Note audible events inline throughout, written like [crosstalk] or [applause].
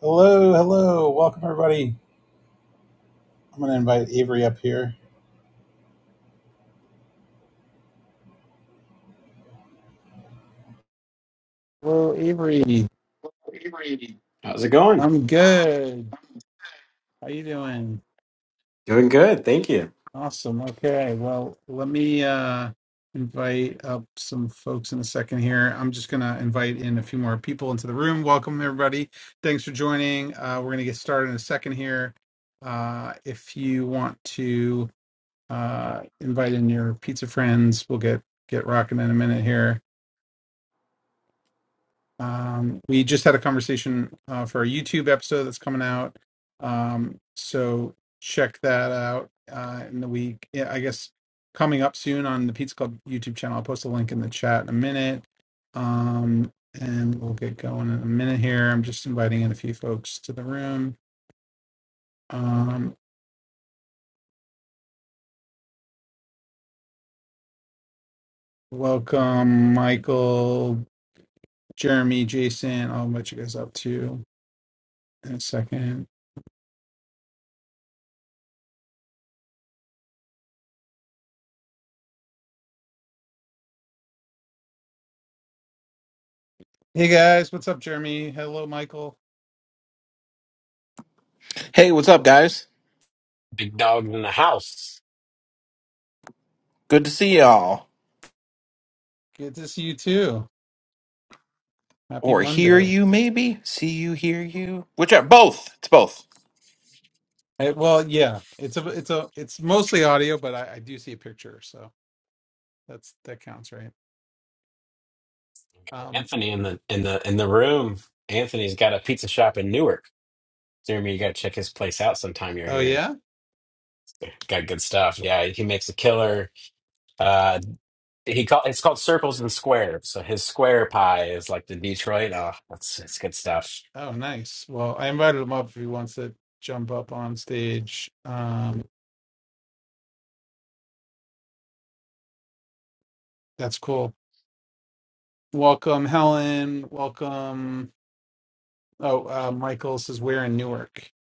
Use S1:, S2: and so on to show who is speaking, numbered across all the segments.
S1: Hello, hello. Welcome, everybody. I'm going to invite Avery up here. Hello, Avery.
S2: Hey, Randy. How's it going?
S1: I'm good. How you doing?
S2: Doing good, thank you.
S1: Awesome. Okay. Well, let me uh invite up some folks in a second here. I'm just gonna invite in a few more people into the room. Welcome everybody. Thanks for joining. Uh we're gonna get started in a second here. Uh if you want to uh invite in your pizza friends, we'll get get rocking in a minute here Um, we just had a conversation uh, for a YouTube episode that's coming out. Um, so check that out uh, in the week. Yeah, I guess coming up soon on the Pizza Club YouTube channel. I'll post a link in the chat in a minute. Um, and we'll get going in a minute here. I'm just inviting in a few folks to the room. Um, welcome, Michael, Jeremy, Jason. I'll let you guys up too in a second. Hey guys, what's up, Jeremy? Hello, Michael.
S3: Hey, what's up, guys?
S2: Big dog in the house.
S3: Good to see y'all.
S1: Good to see you too. Happy
S3: Or hear
S1: Monday.
S3: you, maybe? See you, hear you? Whichever. Both. It's both.
S1: I, well, yeah, it's a it's a it's mostly audio, but I, I do see a picture, so that's that counts, right? Um,
S2: Anthony in the in the in the room. Anthony's got a pizza shop in Newark. Jeremy, you gotta check his place out sometime you're
S1: oh
S2: here.
S1: yeah,
S2: Got good stuff. Yeah, he makes a killer. Uh, he call it's called circles and squares. So his square pie is like the Detroit. Oh, that's it's good stuff.
S1: oh nice. Well, I invited him up if he wants to jump up on stage. Um, that's cool. Welcome, Helen. Welcome. Oh, uh, Michael says we're in Newark. Good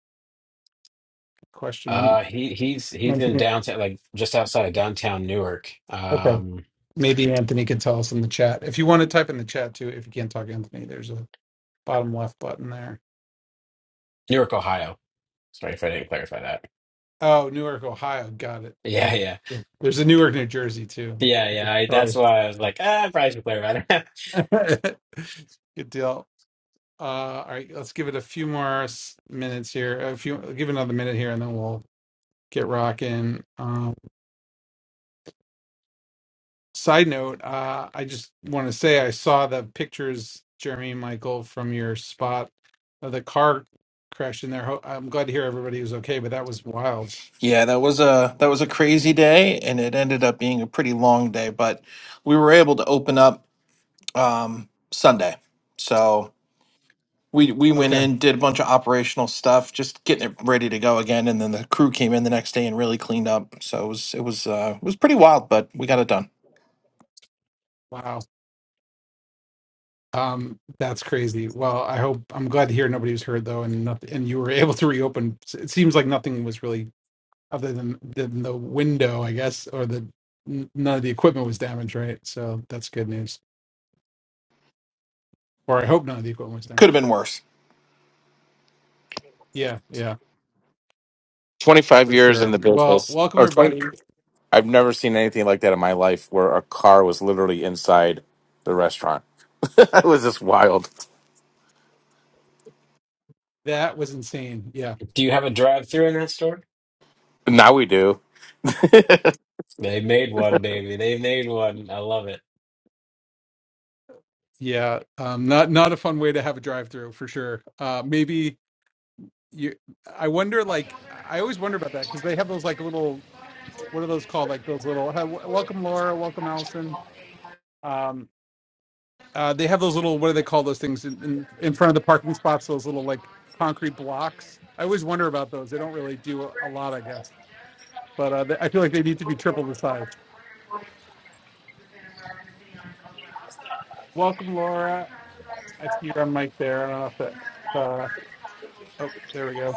S1: question. I'm
S2: Uh, he he's he's in
S1: Anthony.
S2: downtown, like just outside of downtown Newark,
S1: Okay.
S2: um,
S1: Maybe Anthony can tell us in the chat. If you want to type in the chat too, if you can't talk, Anthony, there's a bottom left button there.
S2: Newark, Ohio. Sorry if I didn't clarify that.
S1: Oh, Newark, Ohio. Got it. I
S2: Yeah,
S1: mean,
S2: yeah.
S1: yeah. There's a Newark, New Jersey too.
S2: Yeah, yeah. I, that's
S1: Sorry.
S2: why I was like, ah, I probably should play around. [laughs]
S1: [laughs] Good deal. Uh, all right, let's give it a few more s- minutes here. A few, give it another minute here, and then we'll get rocking. Um, side note: uh, I just want to say I saw the pictures, Jeremy and Michael, from your spot of the car crash in there. Ho- I'm glad to hear everybody was okay, but that was wild.
S3: Yeah, that was a that was a crazy day, and it ended up being a pretty long day, but we were able to open up um, Sunday. So we we went
S1: Okay,
S3: in, did a bunch of operational stuff, just getting it ready to go again, and then the crew came in the next day and really cleaned up. So it was it was uh, it was pretty wild, but we got it done.
S1: wow. Um, that's crazy. Well, I hope I'm glad to hear nobody was hurt though, and nothing, and you were [laughs] able to reopen. S- It seems like nothing was really other than than the window, I guess, or the n- none of the equipment was damaged, right? So that's good news. Or I hope none of the equipment was
S3: Could have
S1: damaged.
S3: been worse.
S1: Yeah, yeah,
S4: 25
S1: for
S4: years in the
S1: sure. Well,
S4: business
S1: welcome
S4: or 20
S1: everybody.
S4: I've never seen anything like that in my life where a car was literally inside the restaurant. [laughs] it was just wild.
S1: That was insane. Yeah,
S2: Do you have a drive-through in that store?
S4: Now we do.
S2: They made one, baby. They made one. I love it.
S1: yeah. Um, not not a fun way to have a drive through for sure. Uh, maybe you. I wonder. Like, I always wonder about that because they have those like little. what are those called? Like those little hi- welcome Laura, welcome Allison. Um, uh, they have those little what do they call those things in, in in front of the parking spots? Those little like concrete blocks. I always wonder about those. They don't really do a, a lot, I guess. But uh, they, I feel like they need to be triple the size. Welcome Laura. I see you're on mic there. I don't know if that. Uh, oh, there we go.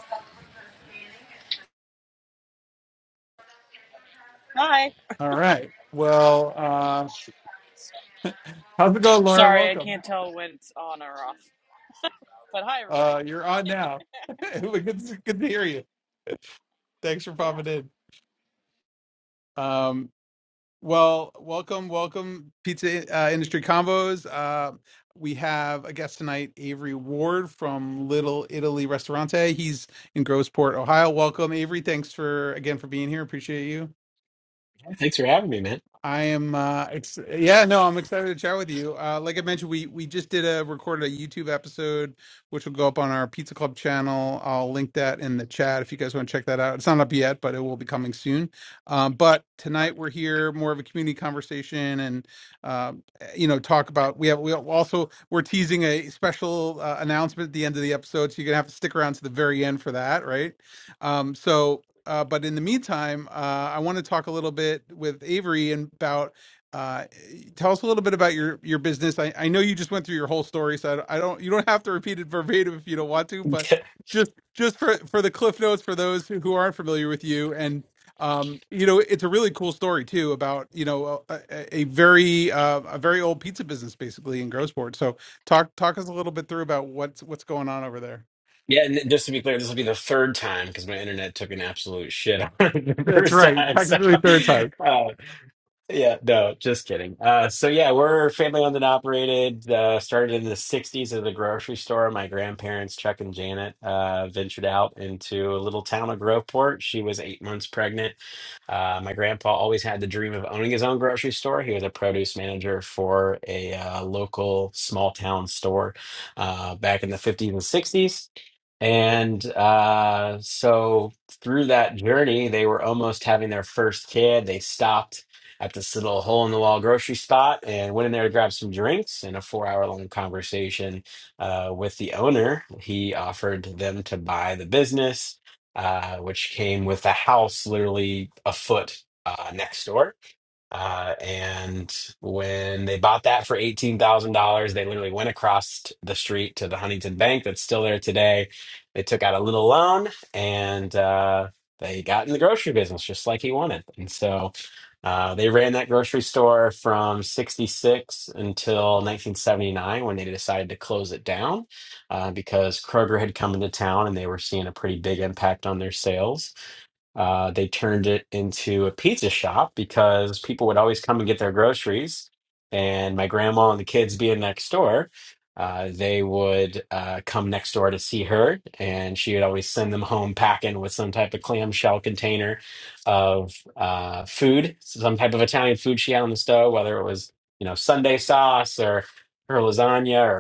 S5: Hi.
S1: All right. Well, uh, how's it going, Laura?
S5: Sorry, I
S1: Welcome.
S5: can't tell when it's on or off. But hi, everybody.
S1: Uh, you're on now. [laughs] good, to- good to hear you. Thanks for
S5: Yeah.
S1: popping in. Um, Well, welcome, welcome, Pizza uh, Industry Combos. Uh, we have a guest tonight, Avery Ward from Little Italy Restaurante. He's in Grosport, Ohio. Welcome, Avery. Thanks for again for being here. Appreciate you.
S2: Hey, Thanks for having me, man.
S1: I am uh ex- yeah, no, I'm excited to chat with you. Uh like I mentioned, we we just did a recorded a YouTube episode which will go up on our Pizza Club channel. I'll link that in the chat if you guys want to check that out. It's not up yet, but it will be coming soon. Um but tonight we're here more of a community conversation and um you know talk about we have we also we're teasing a special uh, announcement at the end of the episode so you're going to have to stick around to the very end for that, right? Um so uh, but in the meantime, uh, I want to talk a little bit with Avery and about. Uh, eh, tell us a little bit about your your business. I, I know you just went through your whole story, so I don't, I don't. You don't have to repeat it verbatim if you don't want to,
S2: [laughs]
S1: but just just for for the cliff notes for those who, who aren't familiar with you and um you know it's a really cool story too about you know a, a a very uh, a very old pizza business basically in Grosport. So talk talk us a little bit through about what's what's going on over there.
S2: Yeah, and just to be clear, this will be the third time because my internet took an absolute shit [laughs] on it the
S1: That's
S2: first
S1: right.
S2: time. So, [laughs]
S1: Technically third time.
S2: uh, yeah, no, just kidding. Uh, so yeah, we're family-owned and operated. Uh, started in the '60s at a grocery store. My grandparents, Chuck and Janet, uh, ventured out into a little town of Groveport. She was eight months pregnant Uh, my grandpa always had the dream of owning his own grocery store. He was a produce manager for a uh, local small town store uh, back in the 50s and 60s. And uh, so through that journey, they were almost having their first kid. They stopped at this little hole in the wall grocery spot and went in there to grab some drinks. And a four hour long conversation uh, with the owner, he offered them to buy the business uh, which came with a house literally a foot uh, next door. Uh, and when they bought that for $18,000, they literally went across t- the street to the Huntington Bank that's still there today. They took out a little loan and uh, they got in the grocery business just like he wanted. And so uh, they ran that grocery store from 66 until 1979 when they decided to close it down uh, because Kroger had come into town and they were seeing a pretty big impact on their sales. Uh, they turned it into a pizza shop because people would always come and get their groceries. And my grandma and the kids being next door, uh, they would uh, come next door to see her, and she would always send them home packing with some type of clamshell container of uh, food, some type of Italian food she had on the stove, whether it was you know Sunday sauce or her lasagna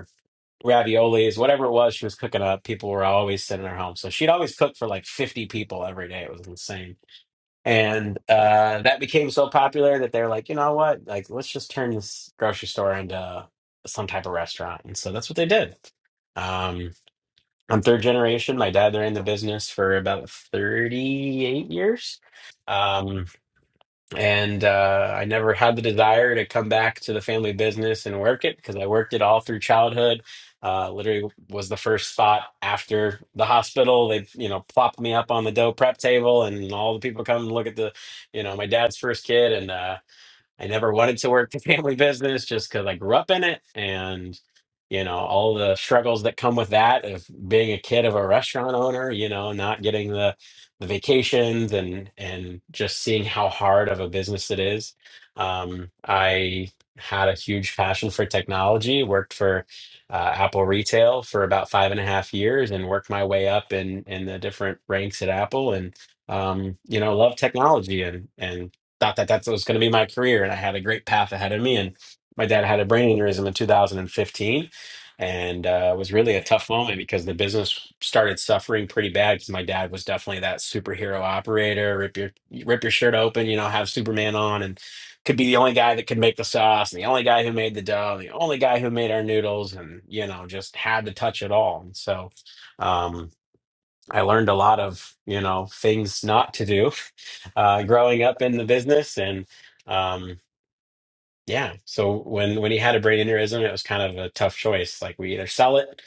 S2: raviolis, whatever it was she was cooking up, people were always sitting in her home. So she'd always cook for like 50 people every day. It was insane. And uh, that became so popular that they're like, you know what? Like, let's just turn this grocery store into some type of restaurant. And so that's what they did. Um, I'm third generation. My dad, they're in the business for about 38 years. Um, and uh, I never had the desire to come back to the family business and work it because I worked it all through childhood. Uh, literally was the first thought after the hospital. They, you know, plopped me up on the dough prep table, and all the people come and look at the, you know, my dad's first kid, and uh, I never wanted to work the family business just because I grew up in it and you know all the struggles that come with that of being a kid of a restaurant owner, you know, not getting the the vacations and and just seeing how hard of a business it is. Um, I had a huge passion for technology, worked for uh, Apple retail for about five and a half years and worked my way up in in the different ranks at Apple and um, you know, love technology and and thought that that was going to be my career and I had a great path ahead of me. And my dad had a brain aneurysm in 2015. And uh, it was really a tough moment because the business started suffering pretty bad because my dad was definitely that superhero operator, rip your rip your shirt open, you know, have Superman on, and could be the only guy that could make the sauce, and the only guy who made the dough, the only guy who made our noodles, and you know, just had to touch it all. And so, um, I learned a lot of you know things not to do uh, growing up in the business, and um, yeah. So when when he had a brain aneurysm, it was kind of a tough choice. Like we either sell it,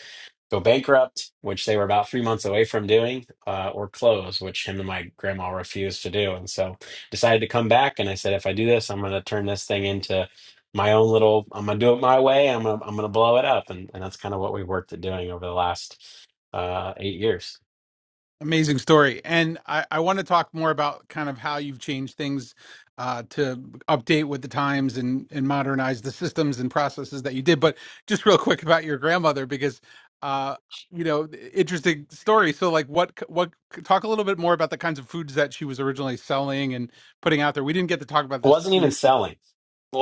S2: go bankrupt, which they were about three months away from doing, uh, or close, which him and my grandma refused to do, and so decided to come back. And I said, if I do this, I'm going to turn this thing into my own little. I'm going to do it my way. I'm gonna, I'm going to blow it up, and and that's kind of what we worked at doing over the last uh, eight years.
S1: Amazing story. And I, I want to talk more about kind of how you've changed things uh, to update with the times and, and modernize the systems and processes that you did. But just real quick about your grandmother, because, uh, you know, interesting story. So, like, what, what, talk a little bit more about the kinds of foods that she was originally selling and putting out there. We didn't get to talk about this.
S2: wasn't even
S1: And
S2: selling.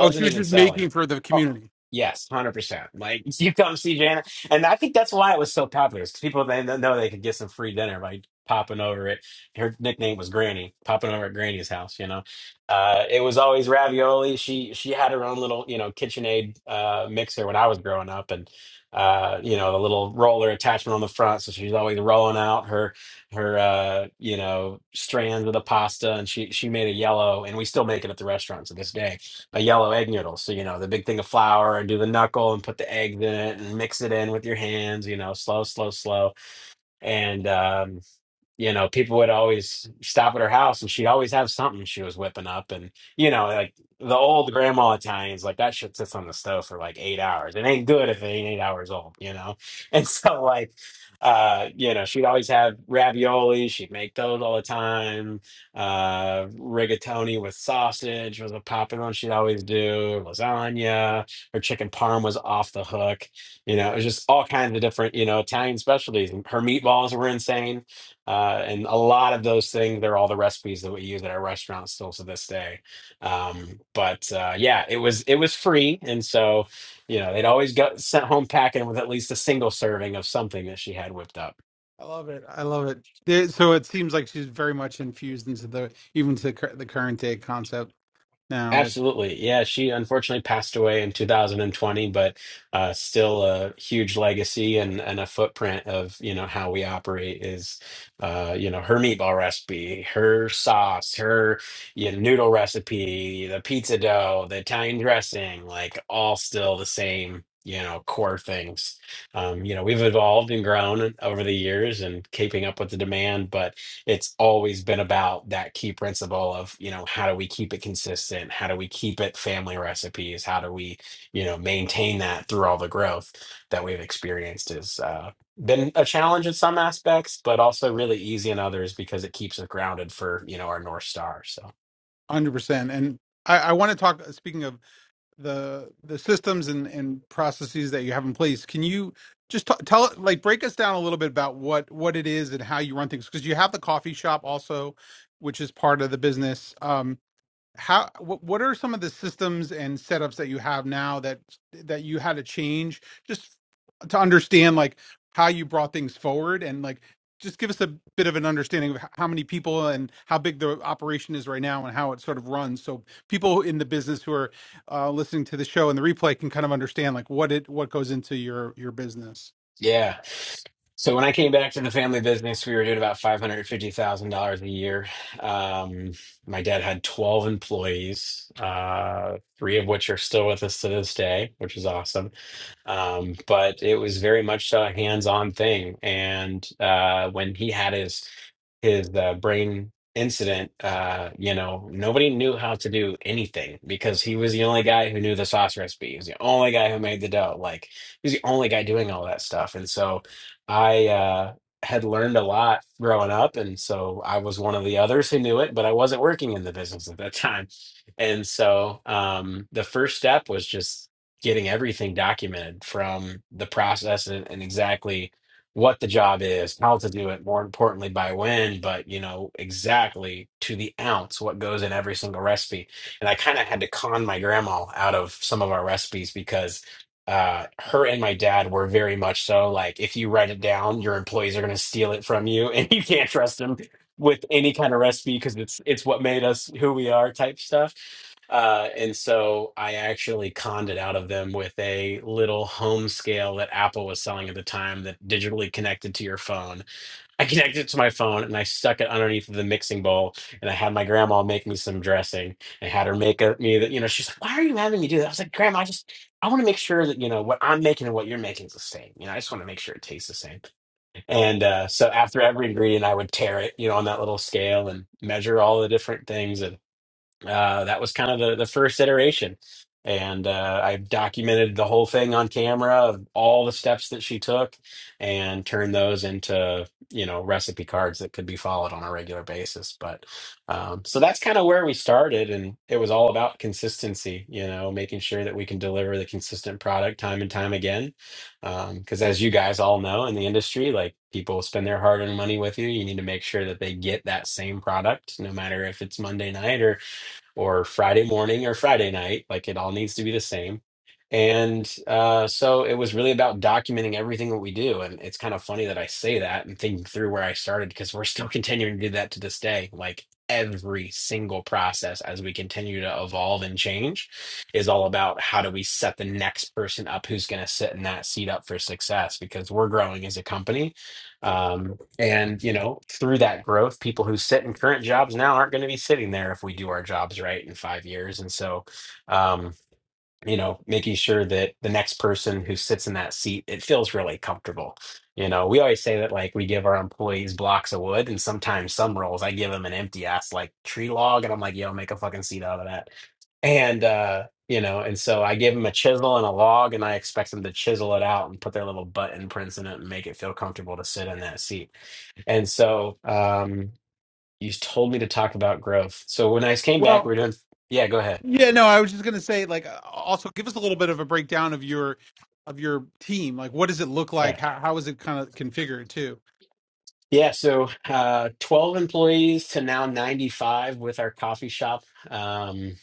S1: oh, she was
S2: even
S1: just
S2: selling.
S1: making for the
S2: Oh,
S1: community.
S2: yes, hundred percent. Like [laughs] you come see Janet, and I think that's why it was so popular. Because people they kn- know they could get some free dinner by popping over at her nickname was Granny, popping over at Granny's house. You know, uh, it was always ravioli. She she had her own little you know KitchenAid uh, mixer when I was growing up, and uh, you know the little roller attachment on the front, so she's always rolling out her her uh you know strands of the pasta and she she made a yellow and we still make it at the restaurant to this day a yellow egg noodle so you know the big thing of flour and do the knuckle and put the eggs in it and mix it in with your hands you know slow slow slow and um you know, people would always stop at her house and she'd always have something she was whipping up. And, you know, like the old grandma Italians, like that shit sits on the stove for like eight hours. It ain't good if it ain't eight hours old, you know? [laughs] And so, like, uh, you know, she'd always have ravioli. She'd make those all the time. Uh, rigatoni with sausage was a popular one she'd always do. Lasagna. Her chicken parm was off the hook. You know, it was just all kinds of different, you know, Italian specialties. And Her meatballs were insane uh, and a lot of those things, they're all the recipes that we use at our restaurant still to this day. Um, but uh, yeah, it was it was free, and so you know they'd always got sent home packing with at least a single serving of something that she had whipped up.
S1: I love it. I love it. There- So, it seems like she's very much infused into the, even to cur- the current day concept now.
S2: Absolutely. Yeah, she unfortunately passed away in 2020, but uh, still a huge legacy and, and a footprint of, you know, how we operate is, uh, you know, her meatball recipe, her sauce, her, you know, noodle recipe, the pizza dough, the Italian dressing, like all still the same, you know, core things. Um, you know, we've evolved and grown over the years and keeping up with the demand, but it's always been about that key principle of you know how do we keep it consistent how do we keep it family recipes how do we you know maintain that through all the growth that we've experienced is uh, been a challenge in some aspects but also really easy in others because it keeps us grounded for you know our north star so
S1: one Hundred percent. And I, I want to talk. Speaking of the the systems and and processes that you have in place, can you just t- tell like break us down a little bit about what what it is and how you run things? Because you have the coffee shop also, which is part of the business. Um, how what, what are some of the systems and setups that you have now that that you had to change just to understand like how you brought things forward and like just give us a bit of an understanding of h- how many people and how big the operation is right now and how it sort of runs so people in the business who are uh, listening to the show and the replay can kind of understand like what it what goes into your your business
S2: Yeah. So when I came back to the family business, we were doing about five hundred fifty thousand dollars a year. Um, my dad had twelve employees, uh, three of which are still with us to this day, which is awesome um, but it was very much so a hands-on thing. And uh, when he had his his uh, brain incident, uh, you know, nobody knew how to do anything because he was the only guy who knew the sauce recipe. He was the only guy who made the dough. Like he was the only guy doing all that stuff. And so I uh, had learned a lot growing up, and so I was one of the others who knew it, but I wasn't working in the business at that time. And so um, the first step was just getting everything documented from the process and, and exactly what the job is, how to do it, more importantly, by when, but you know, exactly to the ounce what goes in every single recipe. And I kind of had to con my grandma out of some of our recipes because uh, her and my dad were very much so like, if you write it down, your employees are going to steal it from you [laughs] and you can't trust them with any kind of recipe because it's it's what made us who we are type stuff. Uh, and so I actually conned it out of them with a little home scale that Apple was selling at the time that digitally connected to your phone. I connected it to my phone and I stuck it underneath the mixing bowl and I had my grandma make me some dressing. I had her make a, me that, you know, she's like, why are you having me do that? I was like, grandma, I just, I want to make sure that, you know, what I'm making and what you're making is the same. You know, I just want to make sure it tastes the same. And uh, so after every ingredient, I would tear it, you know, on that little scale and measure all the different things. And uh, that was kind of the, the first iteration. And uh, I documented the whole thing on camera of all the steps that she took and turned those into, you know, recipe cards that could be followed on a regular basis. But um, so that's kind of where we started. And it was all about consistency, you know, making sure that we can deliver the consistent product time and time again. Because as you guys all know in the industry, like people spend their hard earned money with you. You need to make sure that they get that same product, no matter if it's Monday night or or Friday morning or Friday night. Like it all needs to be the same. And uh, so it was really about documenting everything that we do. And it's kind of funny that I say that and thinking through where I started because we're still [laughs] continuing to do that to this day. Like every single process as we continue to evolve and change is all about how do we set the next person up who's going to sit in that seat up for success because we're growing as a company. Um, and, you know, through that growth, people who sit in current jobs now aren't going to be sitting there if we do our jobs right in five years. And so, um, you know, making sure that the next person who sits in that seat, it feels really comfortable. You know, we always say that like we give our employees blocks of wood, and sometimes some roles I give them an empty ass like tree log, and I'm like, yo, make a fucking seat out of that. And, uh, you know, and so I give them a chisel and a log, and I expect them to chisel it out and put their little butt imprints in it and make it feel comfortable to sit in that seat and so um, you told me to talk about growth. So when I came back, we were doing, yeah, go ahead.
S1: Yeah, no, I was just gonna say, like, uh, also give us a little bit of a breakdown of your of your team. Like, what does it look like?
S2: Yeah.
S1: How how is it kind of configured too?
S2: Yeah. So uh, 12 employees to now 95 with our coffee shop. Um,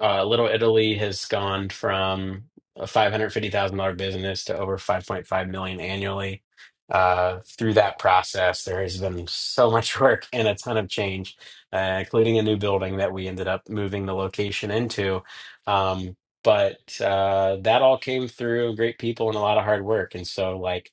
S2: Uh, Little Italy has gone from a $550,000 business to over 5.5 million annually. Uh, through that process, there has been so much [laughs] work and a ton of change, uh, including a new building that we ended up moving the location into. Um, but uh, that all came through great people and a lot of hard work. And so, like,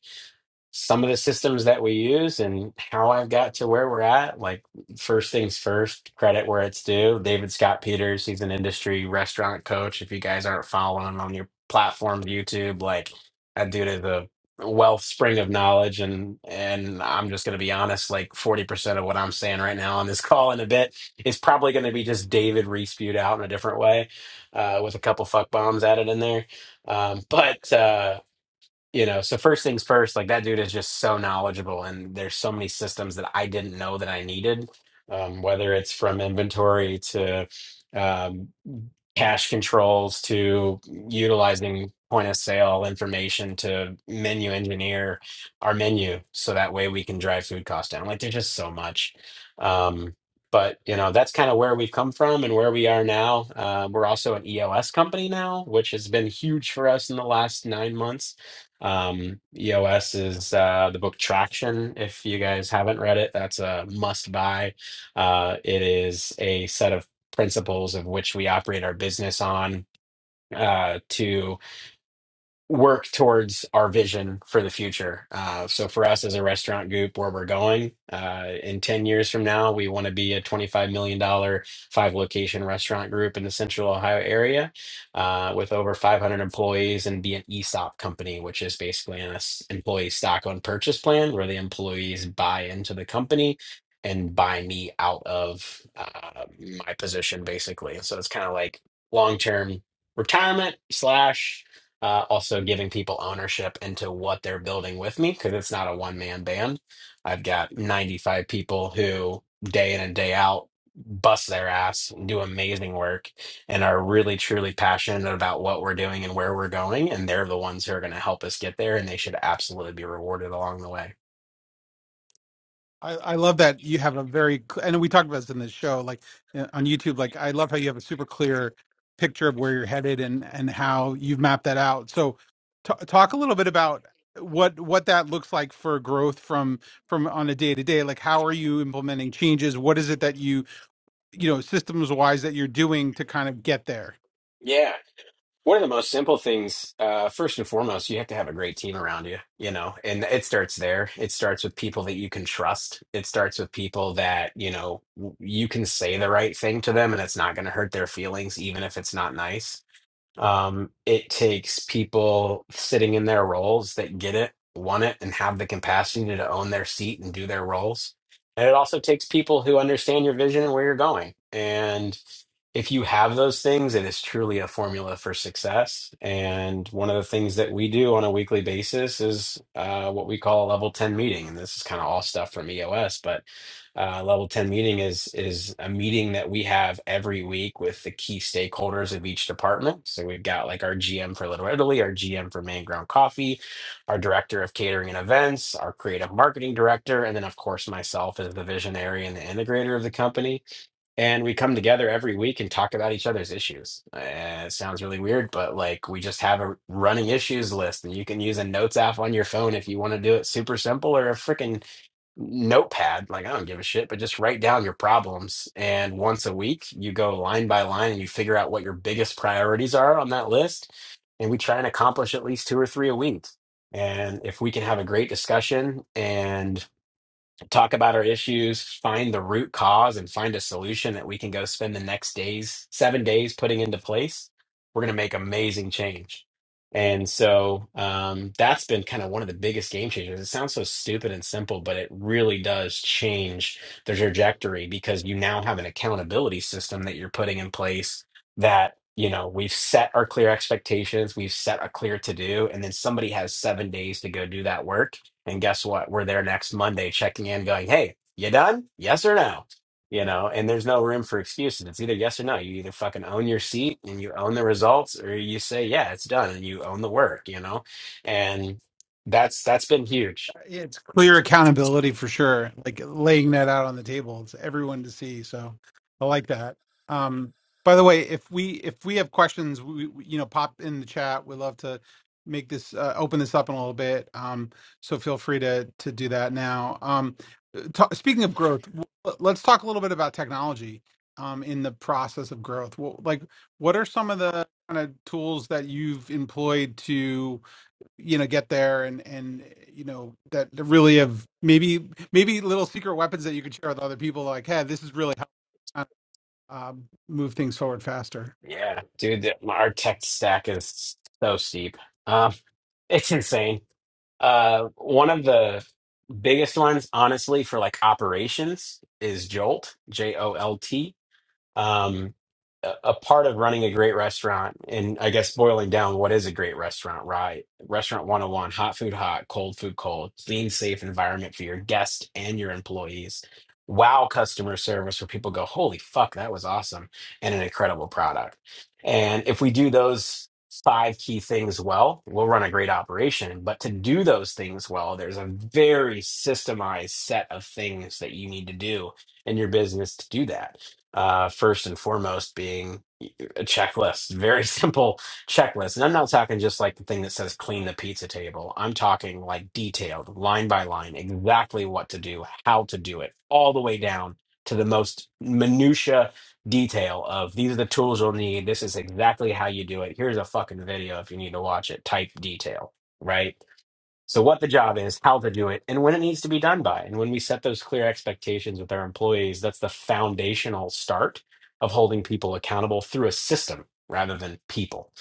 S2: some of the systems that we use and how I've got to where we're at. Like, first things first, credit where it's due. David Scott Peters, he's an industry restaurant coach. If you guys aren't following him on your platform, YouTube, like that dude is a wellspring of knowledge. And and I'm just gonna be honest, like 40% of what I'm saying right now on this [laughs] call in a bit is probably gonna be just David re-spewed out in a different way, uh, with a couple fuck bombs added in there. Um, but uh, you know so first things first like that dude is just so knowledgeable and there's so many systems that i didn't know that i needed um, whether it's from inventory to um, cash controls to utilizing point of sale information to menu engineer our menu so that way we can drive food costs down like there's just so much um, but you know that's kind of where we've come from and where we are now um, we're also an eos company now which has been huge for us in the last nine months um, eos is uh, the book traction if you guys haven't read it that's a must buy uh, it is a set of principles of which we operate our business on uh, to work towards our vision for the future. Uh, so for us as a restaurant group, where we're going uh, in 10 years from now, we want to be a 25000000 million, dollar five million-dollar, location restaurant group in the central Ohio area uh, with over 500 employees and be an ESOP company, which is basically an s- employee stock on purchase plan where the employees buy into the company and buy me out of uh, my position basically. So it's kind of like long-term retirement slash uh, also giving people ownership into what they're building with me because it's not a one man band. I've got 95 people who day in and day out bust their ass, do amazing work, and are really truly passionate about what we're doing and where we're going. And they're the ones who are going to help us get there, and they should absolutely be rewarded along the way.
S1: I, I love that you have a very, cl- and we talked about this in the show, like uh, on YouTube. Like, I love how you have a super clear picture of where you're headed and and how you've mapped that out. So, t- talk a little bit about what what that looks like for growth from from on a day to day. Like, how are you implementing changes? What is it that you you know systems wise that you're doing to kind of get there?
S2: One of the most simple things, uh, first and foremost, you have to have a great team around you, you know, and it starts there. It starts with people that you can trust. It starts with people that, you know, w- you can say the right thing to them and it's not going to hurt their feelings, even if it's not nice. Um, it takes people sitting in their roles that get it, want it, and have the capacity to own their seat and do their roles. And it also takes people who understand your vision and where you're going. And if you have those things, it is truly a formula for success. And one of the things that we do on a weekly basis is uh, what we call a level 10 meeting. And this is kind of all stuff from EOS, but uh, level 10 meeting is is a meeting that we have every week with the key stakeholders of each department. So we've got like our GM for Little Italy, our GM for Main Ground Coffee, our director of catering and events, our creative marketing director, and then of course myself as the visionary and the integrator of the company. And we come together every week and talk about each other's issues. Uh, it sounds really weird, but like we just have a running issues list, and you can use a notes app on your phone if you want to do it super simple, or a freaking notepad like i don't give a shit but just write down your problems and once a week you go line by line and you figure out what your biggest priorities are on that list and we try and accomplish at least two or three a week and if we can have a great discussion and talk about our issues, find the root cause, and find a solution that we can go spend the next days, seven days putting into place, we're going to make amazing change. And so um, that's been kind of one of the biggest game changers. It sounds so stupid and simple, but it really does change the trajectory because you now have an accountability system that you're putting in place that, you know, we've set our clear expectations, we've set a clear to do, and then somebody has seven days to go do that work and guess what? We're there next Monday checking in, going, hey, you done? Yes or no? You know, and there's no room for excuses. It's either yes or no. You either fucking own your seat and you own the results, or you say, yeah, it's done and you own the work, you know? And that's that's been huge.
S1: it's clear accountability for sure like laying that out on the table it's everyone to see so i like that um by the way if we if we have questions we, we- you know pop in the chat we'd love to make this uh, open this up in a little bit um so feel free to to do that now um ta speaking of growth w- let's talk a little bit about technology um in the process of growth well, like what are some of the kind of tools that you've employed to you know get there and and you know that that really have maybe maybe little secret weapons that you could share with other people like hey this is really how um, move things forward faster
S2: Yeah, dude, the- our tech stack is so steep. Um, [laughs] it's insane. Uh, one of the biggest ones, honestly, for like operations is Jolt, J O L T um, a a part of running a great restaurant, and I guess boiling down, what is a great restaurant, right? Restaurant 101, hot food hot, cold food cold, clean, safe environment for your guests and your employees. Wow, customer service where people go, holy fuck, that was awesome, and an incredible product. And if we do those five key things well, we'll run a great operation. But to do those things well, there's a very systemized set of things that you need to do in your business to do that uh, first and foremost being a checklist, very [laughs] simple checklist. And I'm not talking just like the thing that says clean the pizza table. I'm talking like detailed, line by line, exactly what to do, how to do it, all the way down to the most minutia detail of these are the tools you'll need. This is exactly how you do it. Here's a fucking video if you need to watch it. Type detail, right? So, what the job is, how to do it, and when it needs to be done by. And when we set those clear expectations with our employees, that's the foundational start of holding people accountable through a system rather than people.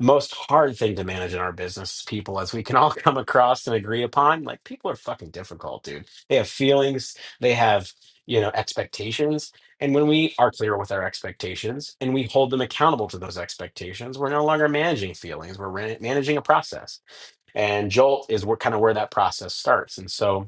S2: Most hard thing to manage in our business people, as we can all [laughs] come across and agree upon, like people are fucking difficult, dude. They have feelings, they have, you know, expectations. And when we are clear with our expectations and we hold them accountable to those expectations, we're no longer managing feelings, we're ran- managing a process and Jolt is where kind of where that process starts. And so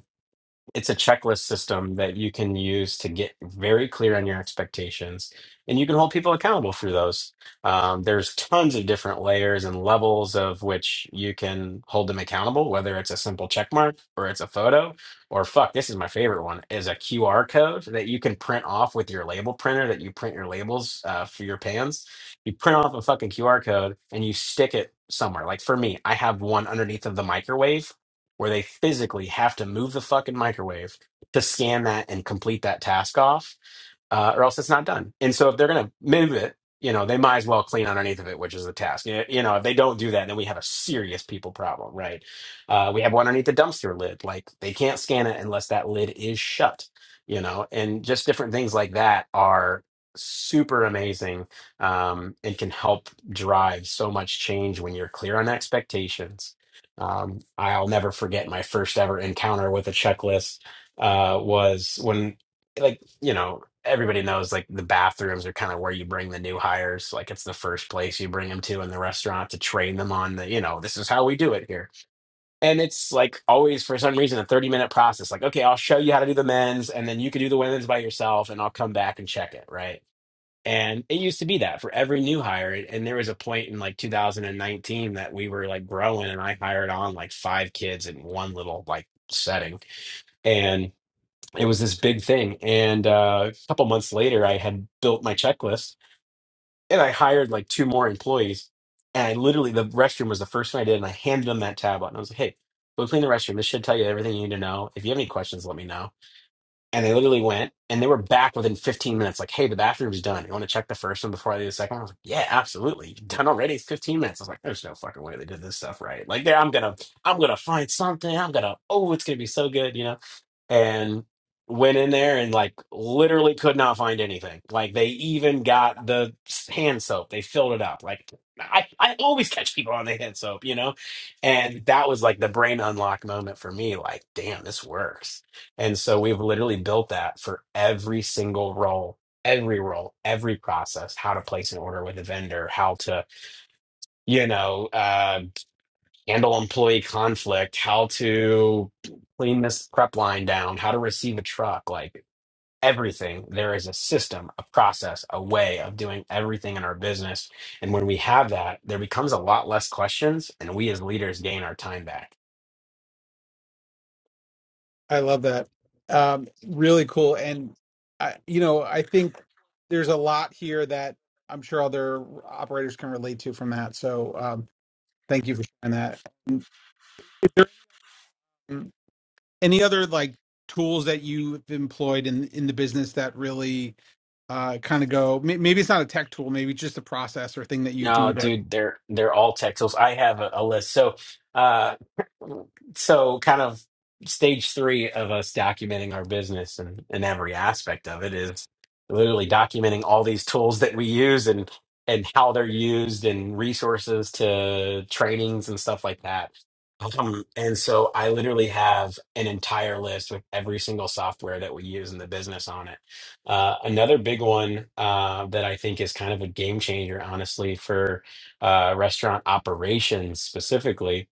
S2: it's a checklist system that you can use to get very clear on your expectations and you can hold people accountable for those um, there's tons of different layers and levels of which you can hold them accountable whether it's a simple check mark or it's a photo or fuck this is my favorite one is a qr code that you can print off with your label printer that you print your labels uh, for your pans you print off a fucking qr code and you stick it somewhere like for me i have one underneath of the microwave where they physically have to move the fucking microwave to scan that and complete that task off uh, or else it's not done. And so if they're going to move it, you know, they might as well clean underneath of it, which is the task. You you know, if they don't do that, then we have a serious people problem, right? Uh, we have one underneath the dumpster lid. Like they can't scan it unless that lid is shut, you know, and just different things like that are super amazing um, and can help drive so much change when you're clear on expectations. Um, I'll never forget my first ever encounter with a checklist uh, was when like you know everybody knows like the bathrooms are kind of where you bring the new hires like it's the first place you bring them to in the restaurant to train them on the you know this is how we do it here and it's like always for some reason a 30 minute process like okay i'll show you how to do the men's and then you can do the women's by yourself and i'll come back and check it right and it used to be that for every new hire and there was a point in like 2019 that we were like growing and i hired on like five kids in one little like setting and it was this big thing and uh, a couple months later i had built my checklist and i hired like two more employees and i literally the restroom was the first thing i did and i handed them that tab out and i was like hey go clean the restroom this should tell you everything you need to know if you have any questions let me know and they literally went and they were back within 15 minutes like hey the bathroom's done you want to check the first one before i do the second one I was like, yeah absolutely done already It's 15 minutes i was like there's no fucking way they did this stuff right like there, i'm gonna i'm gonna find something i'm gonna oh it's gonna be so good you know and went in there and like literally could not find anything. Like they even got the s- hand soap. They filled it up. Like I, I always catch people on the hand soap, you know? And that was like the brain unlock moment for me. Like, damn, this works. And so we've literally built that for every single role, every role, every process, how to place an order with a vendor, how to, you know, uh, handle employee conflict, how to clean this prep line down, how to receive a truck, like everything. There is a system, a process, a way of doing everything in our business. And when we have that, there becomes a lot less questions, and we as leaders gain our time back.
S1: i love that um really cool and i you know i think there's a lot here that i'm sure other operators can relate to from that so um thank you for sharing that Is there any other like tools that you've employed in in the business that really uh kind of go may- maybe it's not a tech tool maybe it's just a process or thing that you do
S2: No,
S1: that
S2: dude, they're they're all tech tools. I have a, a list. So, uh, so kind of stage three of us documenting our business and, and every aspect of it is literally documenting all these tools that we use and and how they're used and resources to trainings and stuff like that um, and so i literally have an entire list with every single software that we use in the business on it uh, another big one uh, that i think is kind of a game changer honestly for uh, restaurant operations specifically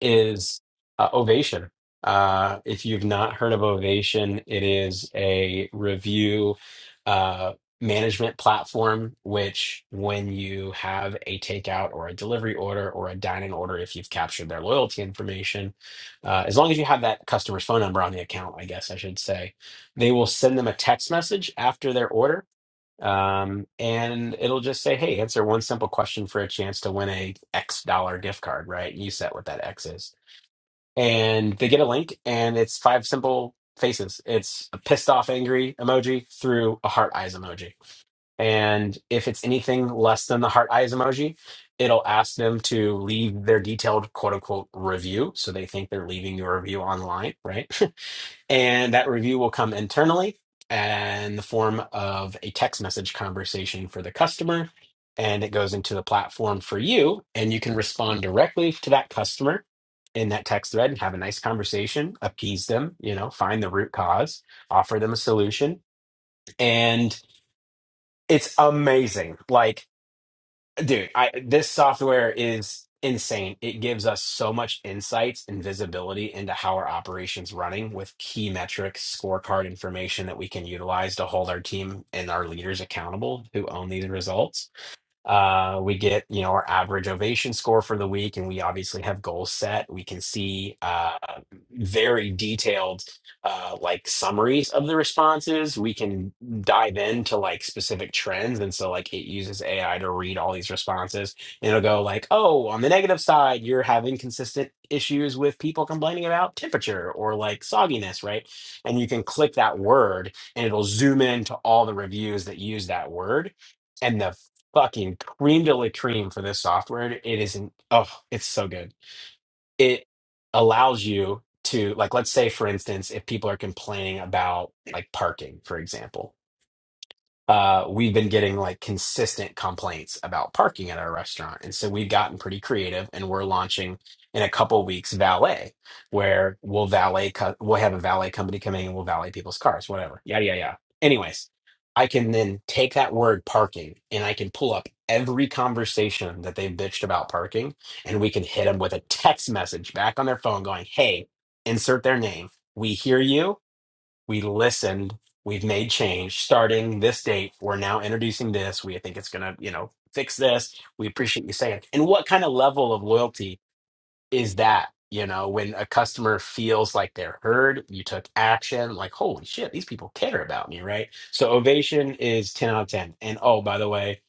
S2: is uh, Ovation. Uh, if you've not heard of Ovation, it is a review uh, management platform, which when you have a takeout or a delivery order or a dine-in order, if you've captured their loyalty information, uh, as long as you have that customer's phone number on the account, I guess I should say, they will send them a text message after their order. Um, and it'll just say, hey, answer one simple question for a chance to win a X dollar gift card, right? You set what that X is and they get a link and it's five simple faces it's a pissed off angry emoji through a heart eyes emoji and if it's anything less than the heart eyes emoji it'll ask them to leave their detailed quote unquote review so they think they're leaving your review online right [laughs] And that review will come internally in the form of a text message conversation for the customer. And it goes into the platform for you. And you can respond directly to that customer in that text thread and have a nice conversation, appease them, you know, find the root cause, offer them a solution. And it's amazing. Like, Dude, I this software is insane. It gives us so much insights and visibility into how our operations running with key metrics, scorecard information that we can utilize to hold our team and our leaders accountable who own these results. Uh, we get you know our average ovation score for the week, and we obviously have goals set. We can see uh, very detailed uh, like summaries of the responses. We can dive into like specific trends, and so like it uses AI to read all these responses, and it'll go like, oh, on the negative side, you're having consistent issues with people complaining about temperature or like sogginess, right? And you can click that word, and it'll zoom into all the reviews that use that word. And the fucking cream de la cream for this software. It isn't. Oh, it's so good. It allows you to like, let's say, for instance, if people are complaining about like parking, for example, uh, we've been getting like consistent complaints about parking at our restaurant. And so we've gotten pretty creative and we're launching in a couple weeks valet, where we'll valet, co- we'll have a valet company come in and we'll valet people's cars, whatever, yada, yada, yada. Anyways, I can then take that word parking and I can pull up every conversation that they've bitched about parking and we can hit them with a text message back on their phone going, hey, insert their name. We hear you we listened we've made change starting this date we're now introducing this we think it's going to you know fix this we appreciate you saying it. and what kind of level of loyalty is that you know when a customer feels like they're heard you took action like holy shit these people care about me right so ovation is 10 out of 10 and oh by the way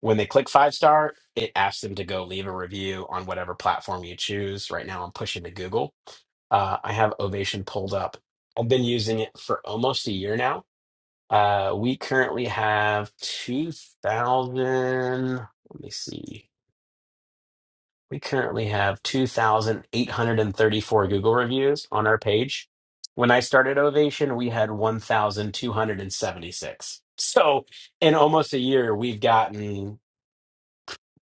S2: when they click five star it asks them to go leave a review on whatever platform you choose right now i'm pushing to google uh, I have Ovation pulled up. I've been using it for almost a year now. Uh, we currently have 2,000. Let me see. We currently have 2,834 Google reviews on our page. When I started Ovation, we had 1,276. So in almost a year, we've gotten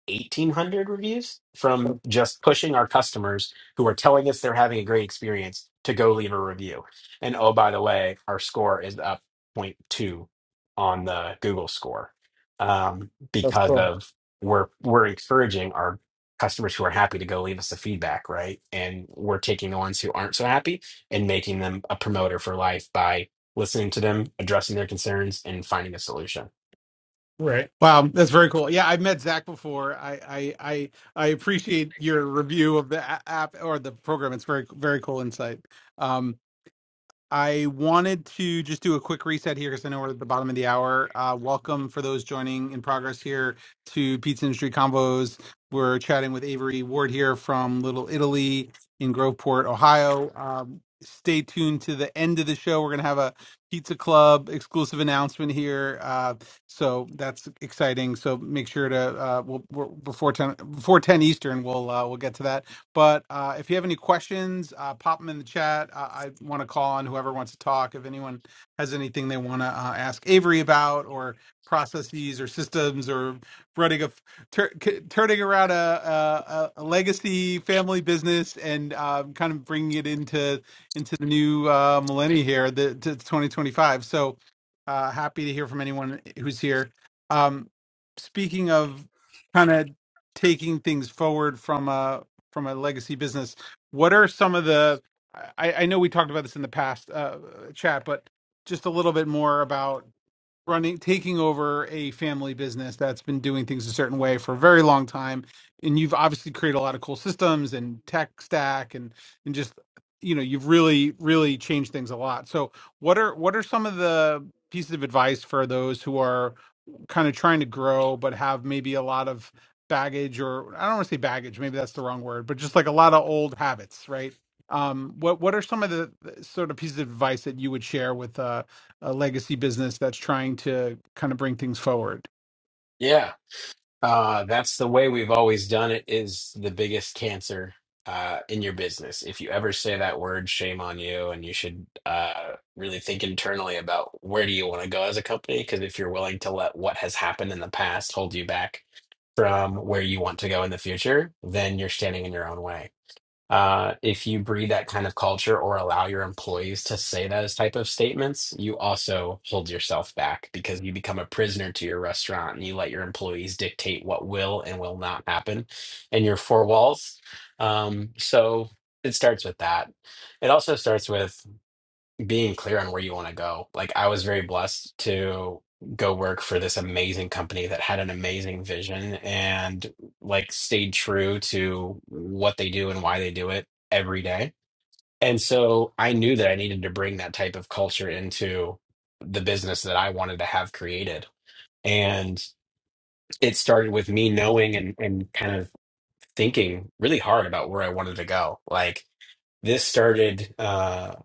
S2: 1800 reviews from
S1: That-
S2: just pushing our customers who are telling us they're having a great experience to go leave a review. And oh, by the way, our score is up point two on the Google score um,
S1: That's
S2: because
S1: cool.
S2: of we're we're encouraging our customers who are happy to go leave us the feedback, right? And we're taking the ones who aren't so happy and making them a promoter for life by listening to them, addressing their concerns, and finding a solution.
S1: Right. wow that's very cool yeah i've met zach before i i i, I appreciate your review of the a- app or the program it's very very cool insight Um, I wanted to just do a quick reset here because I know we're at the bottom of the hour. Uh, welcome for those joining in progress here to Pizza Industry Convo's. We're chatting with Avery Ward here from Little Italy in Groveport, Ohio. Um, stay tuned to the end of the show. We're going to have a Pizza Club exclusive announcement here, uh, so that's exciting. So make sure to uh, we'll, we're, before ten before ten Eastern, we'll uh, we'll get to that but uh, if you have any questions, uh, pop them in the chat. Uh, I want to call on whoever wants to talk. If anyone has anything they want to uh, ask Avery about, or processes, or systems, or running a tur- c- turning around a, a a a legacy family business and um, kind of bringing it into into the new uh, millennia here, the to 2025. So uh, happy to hear from anyone who's here. Um, speaking of kind of taking things forward from a from a legacy business, what are some of the I, I know we talked about this in the past uh, chat, but just a little bit more about running taking over a family business that's been doing things a certain way for a very long time and you've obviously created a lot of cool systems and tech stack and and just you know you've really really changed things a lot so what are what are some of the pieces of advice for those who are kind of trying to grow but have maybe a lot of baggage or i don't want to say baggage maybe that's the wrong word but just like a lot of old habits right um what what are some of the the sort of pieces of advice that you would share with uh? a legacy business that's trying to kind of bring things forward.
S2: Yeah. Uh, that's the way we've always done it is the biggest cancer uh, in your business. If you ever say that word, shame on you. And you should uh, really think internally about where do you want to go as a company? Because if you're willing to let what has happened in the past hold you back from where you want to go in the future, then you're standing in your own way. Uh, if you breed that kind of culture or allow your employees to say those type of statements, you also hold yourself back because you become a prisoner to your restaurant and you let your employees dictate what will and will not happen in your four walls. Um, so it starts with that. It also starts with being clear on where you want to go. Like I was very blessed to go work for this amazing company that had an amazing vision and like stayed true to what they do and why they do it every day. And so I knew that I needed to bring that type of culture into the business that I wanted to have created. And it started with me knowing and, and kind of thinking really hard about where I wanted to go. Like this started, uh,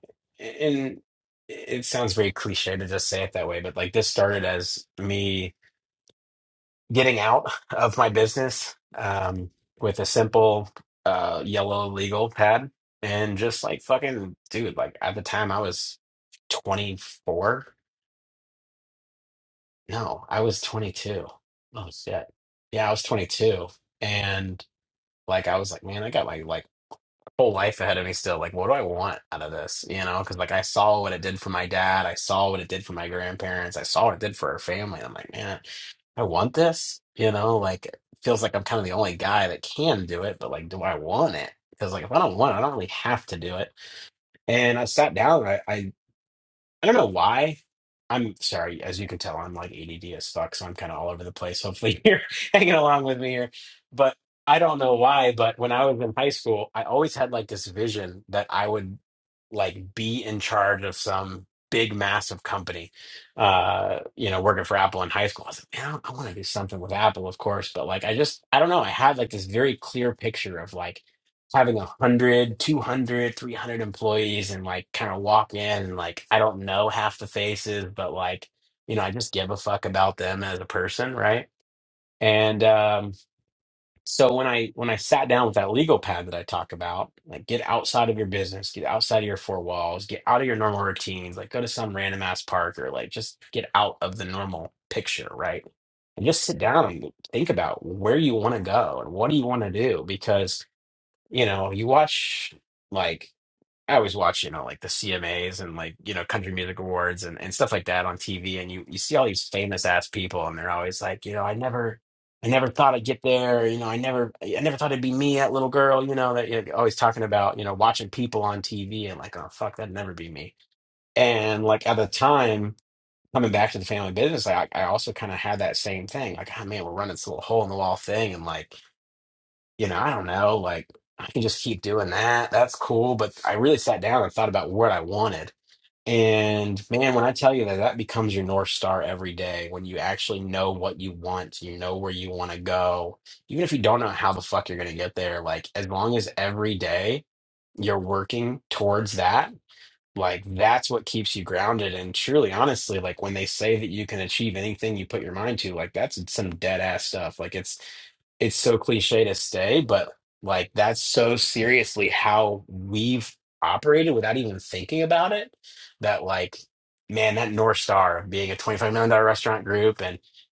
S2: and it sounds very cliche to just say it that way, but like this started as me getting out of my business um, with a simple uh, yellow legal pad and just like fucking dude, like at the time I was 24. No, I was 22. Oh shit. Yeah, I was 22 and like I was like, man, I got my like. whole life ahead of me still. Like, what do I want out of this? You know, because like I saw what it did for my dad, I saw what it did for my grandparents, I saw what it did for our family. and I'm like, man, I want this. You know, like it feels like I'm kind of the only guy that can do it, but like, do I want it? Because like if I don't want it, I don't really have to do it. And I sat down. And I. I don't know why. I'm sorry, as you can tell, I'm like ADD as fuck, so I'm kind of all over the place. Hopefully, [laughs] you're hanging along with me here. But I don't know why. But when I was in high school, I always had like this vision that I would like be in charge of some big, massive company. Uh, you know, working for Apple in high school, I was like, man, I want to do something with Apple, of course. But like, I just, I don't know. I had like this very clear picture of like having 100 200 employees and like kind of walk in and like i don't know half the faces but like you know i just give a fuck about them as a person right and um so when i when i sat down with that legal pad that i talk about like get outside of your business get outside of your four walls get out of your normal routines like go to some random ass park or like just get out of the normal picture right and just sit down and think about where you want to go and what do you want to do because you know, you watch like I always watch, you know, like the CMAs and like, you know, country music awards and, and stuff like that on TV and you you see all these famous ass people and they're always like, you know, I never I never thought I'd get there, you know, I never I never thought it'd be me, that little girl, you know, that you're always talking about, you know, watching people on TV and like, oh fuck, that'd never be me. And like at the time Coming back to the family business, like I, I also kind of had that same thing. Like, oh man, we're running this little hole in the wall thing, and like, you know, I don't know, like I can just keep doing that. That's cool. But I really sat down and thought about what I wanted. And man, when I tell you that that becomes your North Star every day, when you actually know what you want, you know where you want to go, even if you don't know how the fuck you're going to get there, like as long as every day you're working towards that, like that's what keeps you grounded. And truly, honestly, like when they say that you can achieve anything you put your mind to, like that's some dead ass stuff. Like it's it's so cliche to say, but like that's so seriously how we've operated without even thinking about it. That like, man, that North Star of being a $25 million dollar restaurant group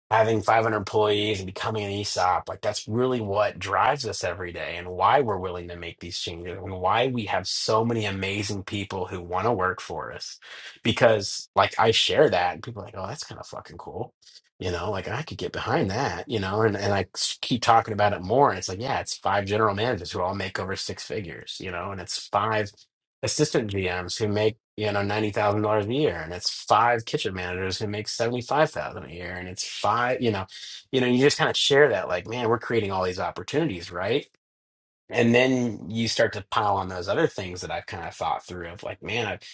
S2: having 500 employees and becoming an ESOP, like that's really what drives us every day and why we're willing to make these changes and why we have so many amazing people who want to work for us. Because like I share that and people are like, oh, that's kind of fucking cool. You know, like I could get behind that, you know, and, and I s- keep talking about it more. And it's like, yeah, it's five general managers who all make over six figures, you know, and it's five assistant GMs who make you know ninety thousand dollars a year, and it's five kitchen managers who make seventy five thousand a year, and it's five you know, you know, you just kind of share that like, man, we're creating all these opportunities, right? And then you start to pile on those other things that I've kind of thought through of like, man, I,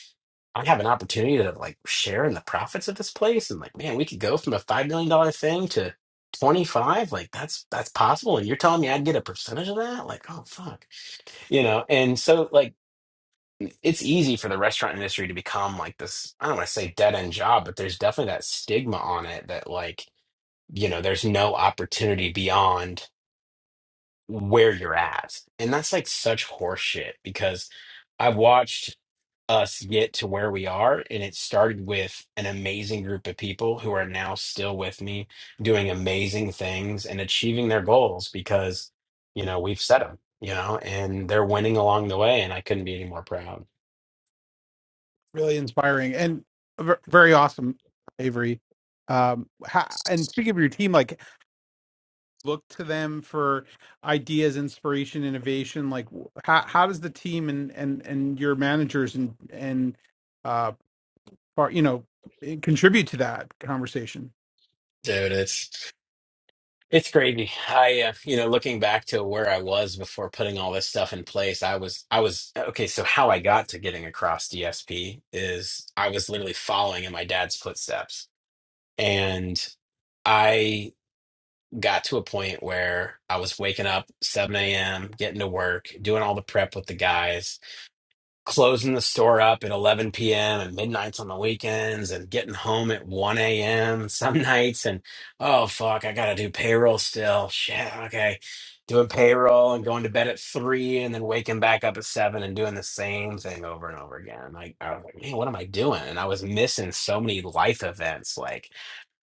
S2: I have an opportunity to like share in the profits of this place, and like, man, we could go from a five million dollar thing to twenty five, like that's that's possible, and you're telling me I'd get a percentage of that? Like, oh fuck, you know. And so like it's easy for the restaurant industry to become like this, I don't want to say dead end job, but there's definitely that stigma on it that like, you know, there's no opportunity beyond where you're at. And that's like such horseshit because I've watched us get to where we are and it started with an amazing group of people who are now still with me doing amazing things and achieving their goals because, you know, we've set them, you know, and they're winning along the way and I couldn't be any more proud.
S1: Really inspiring and v- very awesome, Avery. Um, ha- and speaking of your team, like look to them for ideas, inspiration, innovation. Like wh- how how does the team and and and your managers and and uh part you know eh, contribute to that conversation?
S2: Dude, it's It's crazy. I, uh, you know, looking back to where I was before putting all this stuff in place, I was, I was, okay, so how I got to getting across DSP is I was literally following in my dad's footsteps. And I got to a point where I was waking up 7 a.m., getting to work, doing all the prep with the guys, closing the store up at 11 p.m. and midnights on the weekends and getting home at 1 a.m. some [laughs] nights and oh fuck, I gotta do payroll still. Shit, okay. Doing payroll and going to bed at three and then waking back up at seven and doing the same thing over and over again. Like I was like, man, what am I doing? And I was missing so many life events. Like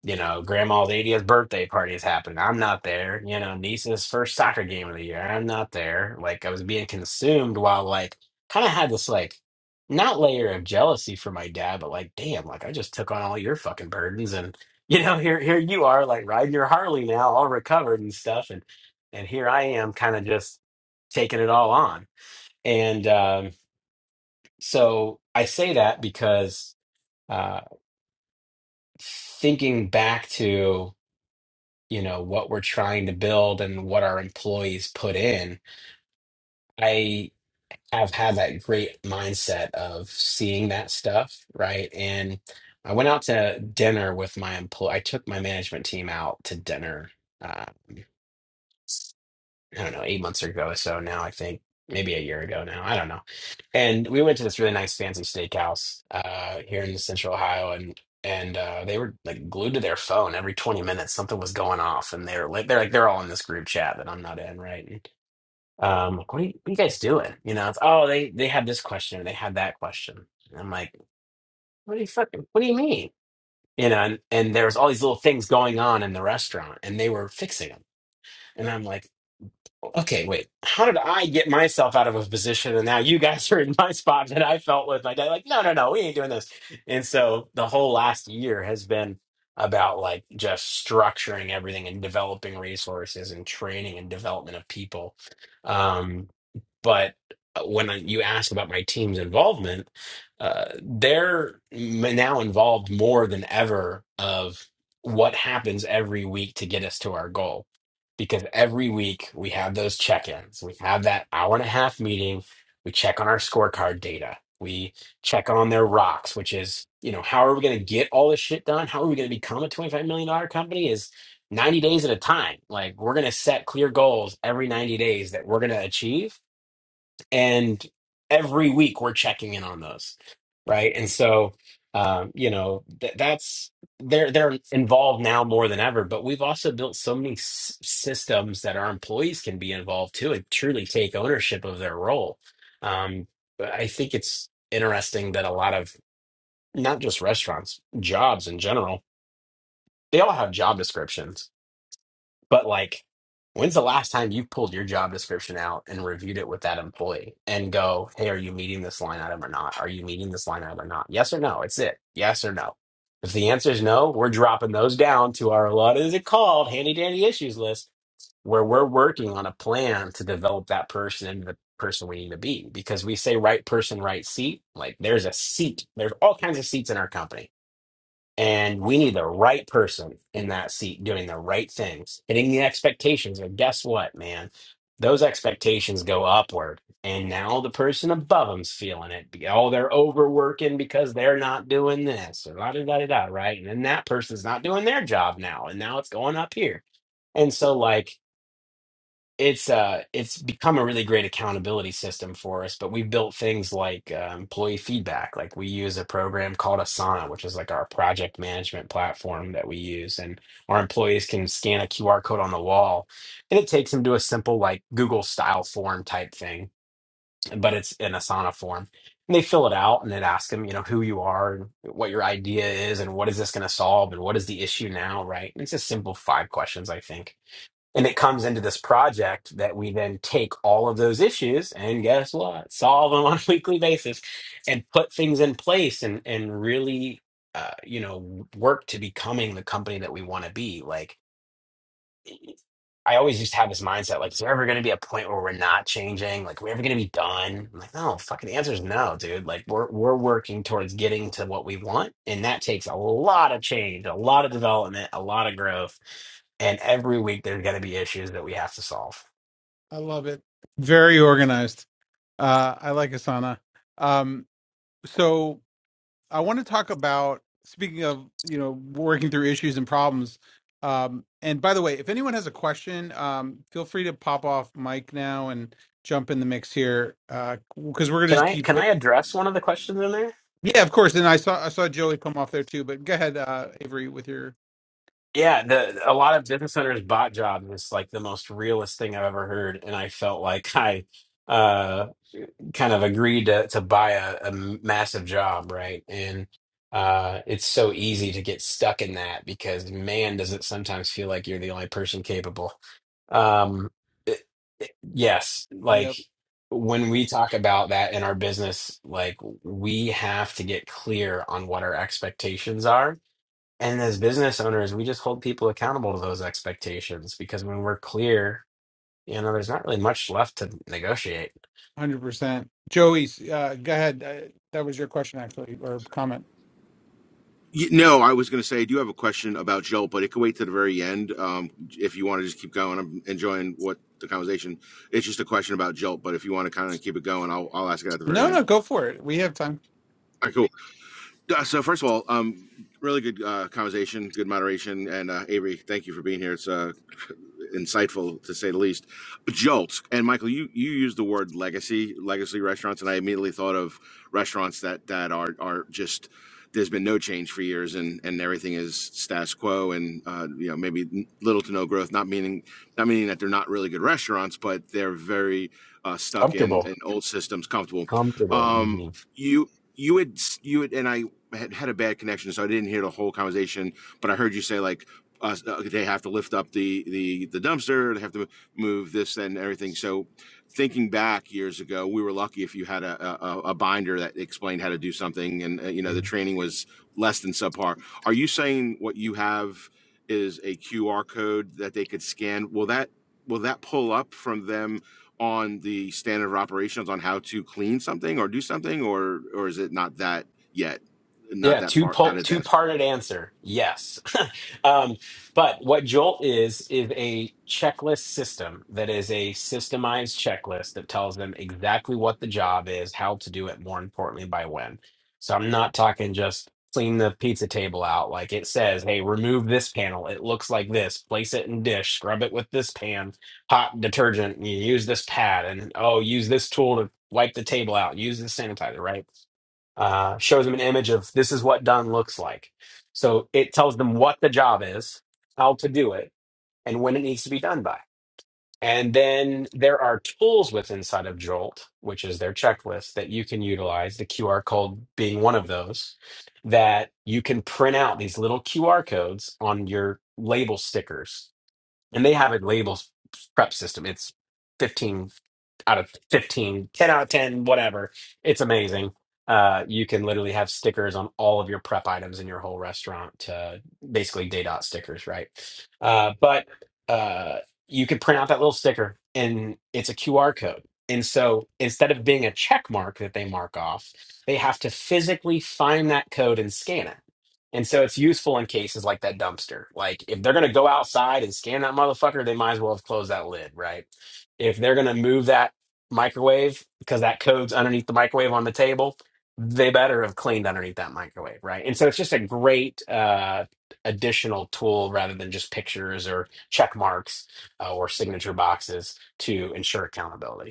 S2: you know, grandma's 80th birthday party is happening. I'm not there. You know, niece's first soccer game of the year. I'm not there. Like I was being consumed while like kind of had this like not layer of jealousy for my dad, but like, damn, like I just took on all your fucking burdens and you know, here here you are like riding your Harley now, all recovered and stuff. And and here I am kind of just taking it all on. And um so I say that because uh thinking back to you know, what we're trying to build and what our employees put in. I have had that great mindset of seeing that stuff, right? And I went out to dinner with my employee. I took my management team out to dinner uh, I don't know, eight months ago or so now, I think. Maybe a year ago now. I don't know. And we went to this really nice fancy steakhouse uh here in central Ohio and and uh they were like glued to their phone every 20 minutes something was going off and they're like they're like they're all in this group chat that I'm not in, right? And, um like, what are you, what are you guys doing? You know, it's oh they they had this question or they had that question. And I'm like, what do you fucking what do you mean? You know, and, and there was all these little things going on in the restaurant and they were fixing them. And I'm like, okay, wait, how did I get myself out of a position and now you guys [laughs] are in my spot that I felt with my dad? Like, no, no, no, we ain't doing this. And so the whole last year has been about like just structuring everything and developing resources and training and development of people. Um, but uh, when I- you ask about my team's involvement, uh, they're m- now involved more than ever of what happens every week to get us to our goal. Because every week we have those check-ins, we have that hour and a half meeting, we check on our scorecard data, we check on their rocks, which is, you know, how are we going to get all this shit done? How are we going to become a $25 million dollar company? Is 90 days at a time. Like we're going to set clear goals every 90 days that we're going to achieve and every week we're checking in on those right and so um, you know th- that's they're they're involved now more than ever but we've also built so many s- systems that our employees can be involved too and truly take ownership of their role um, but i think it's interesting that a lot of not just restaurants jobs in general they all have job descriptions but like, when's the last time you pulled your job description out and reviewed it with that employee and go, hey, are you meeting this line item or not? Are you meeting this line item or not? Yes or no? It's it. Yes or no? If the answer is no, we're dropping those down to our what is it called handy dandy issues list where we're working on a plan to develop that person into the person we need to be because we say right person, right seat. Like there's a seat, there's all kinds of seats in our company and we need the right person in that seat doing the right things, hitting the expectations. And guess what, man? Those expectations go upward. And now the person above them's feeling it. Be- Oh, they're overworking because they're not doing this or la da da da da, right? And then that person's not doing their job now. And now it's going up here. And so, like, it's uh it's become a really great accountability system for us but we've built things like uh, employee feedback like we use a program called asana which is like our project management platform that we use and our employees can scan a qr code on the wall and it takes them to a simple like google style form type thing but it's an asana form and they fill it out and it asks them you know who you are and what your idea is and what is this going to solve and what is the issue now right and it's just simple five questions i think and it comes into this project that we then take all of those issues and guess what? Solve them on a [laughs] weekly basis and put things in place and and really uh, you know work to becoming the company that we want to be. Like I always used to have this mindset like, is there ever going to be a point where we're not changing? Like, we're ever going to be done? I'm like, no, fucking answer is no, dude. Like, we're we're working towards getting to what we want, and that takes a lot of change, a lot of development, a lot of growth, and every week there's going to be issues that we have to solve.
S1: I love it. Very organized. Uh, I like Asana. Um, so. I want to talk about speaking of you know working through issues and problems. Um, and by the way, if anyone has a question, um, feel free to pop off mic now and jump in the mix here because we're gonna
S2: Can
S1: just
S2: I
S1: keep.
S2: can I address one of the questions in there?
S1: Yeah, of course. And I saw I saw Joey come off there too. But go ahead, uh, Avery, with your
S2: Yeah, the a lot of business owners bot jobs is like the most realist thing I've ever heard, and I felt like I. uh kind of agreed to to buy a, a massive job, right? And uh, it's so easy to get stuck in that because man, does it sometimes feel like you're the only person capable. Um, it- it- yes, like
S1: yep,
S2: when we talk about that in our business, like we have to get clear on what our expectations are. And as business owners, we just hold people accountable to those expectations because when we're clear, you know, there's not really much left to negotiate.
S1: hundred percent. Joey, uh, go ahead. Uh, that was your question actually or comment.
S6: Y- No, I was going to say I do have a question about Jolt, but it could wait to the very end. Um, if you want to just keep going, I'm enjoying what the conversation. It's just a question about Jolt, but if you want to kind of keep it going, I'll I'll ask it at the very
S1: No,
S6: end.
S1: no, go for it. We have time.
S6: All right, cool. Uh, So first of all, um, really good uh, conversation, good moderation, and uh, Avery, thank you for being here. It's uh, insightful to say the least. Jolts and Michael, you you used the word legacy, legacy restaurants, and I immediately thought of restaurants that that are are just there's been no change for years, and and everything is status quo, and uh, you know maybe little to no growth. Not meaning not meaning that they're not really good restaurants, but they're very uh, stuck in
S2: comfortable
S6: in old systems, comfortable.
S2: comfortable.
S6: Um,
S2: hmm
S6: you you had you had, and I had had a bad connection, so I didn't hear the whole conversation, but I heard you say like uh, they have to lift up the the the dumpster they have to move this and everything so thinking back years ago we were lucky if you had a a, a binder that explained how to do something and uh, you know the training was less than subpar are you saying what you have is a qr code that they could scan will that will that pull up from them on the standard of operations on how to clean something or do something or or is it not that yet not
S2: Yeah,
S6: that
S2: two
S6: far not
S2: po- two
S6: advanced
S2: parted answer. Yes. [laughs] um, but what Jolt is is a checklist system that is a systemized checklist that tells them exactly what the job is, how to do it, more importantly, by when. So I'm not talking just clean the pizza table out. Like it says, hey, remove this panel. It looks like this. Place it in dish. Scrub it with this pan, hot detergent. You use this pad, and oh, use this tool to wipe the table out. Use this sanitizer. Right uh, shows them an image of this is what done looks like. So it tells them what the job is, how to do it, and when it needs to be done by. And then there are tools with inside of Jolt, which is their checklist that you can utilize, the QR code being one of those, that you can print out these little QR codes on your label stickers and they have a labels prep system. It's 15 out of 15, 10 out of 10, whatever. It's amazing. Uh, you can literally have stickers on all of your prep items in your whole restaurant, to basically day dot stickers, right? Uh, but uh, you could print out that little sticker and it's a QR code. And so instead of being a check mark that they mark off, they have to physically find that code and scan it and so it's useful in cases like that dumpster. Like if they're going to go outside and scan that motherfucker, they might as well have closed that lid, right? If they're going to move that microwave because that code's underneath the microwave on the table, they better have cleaned underneath that microwave, right? And so it's just a great uh, additional tool rather than just pictures or check marks uh, or signature boxes to ensure accountability.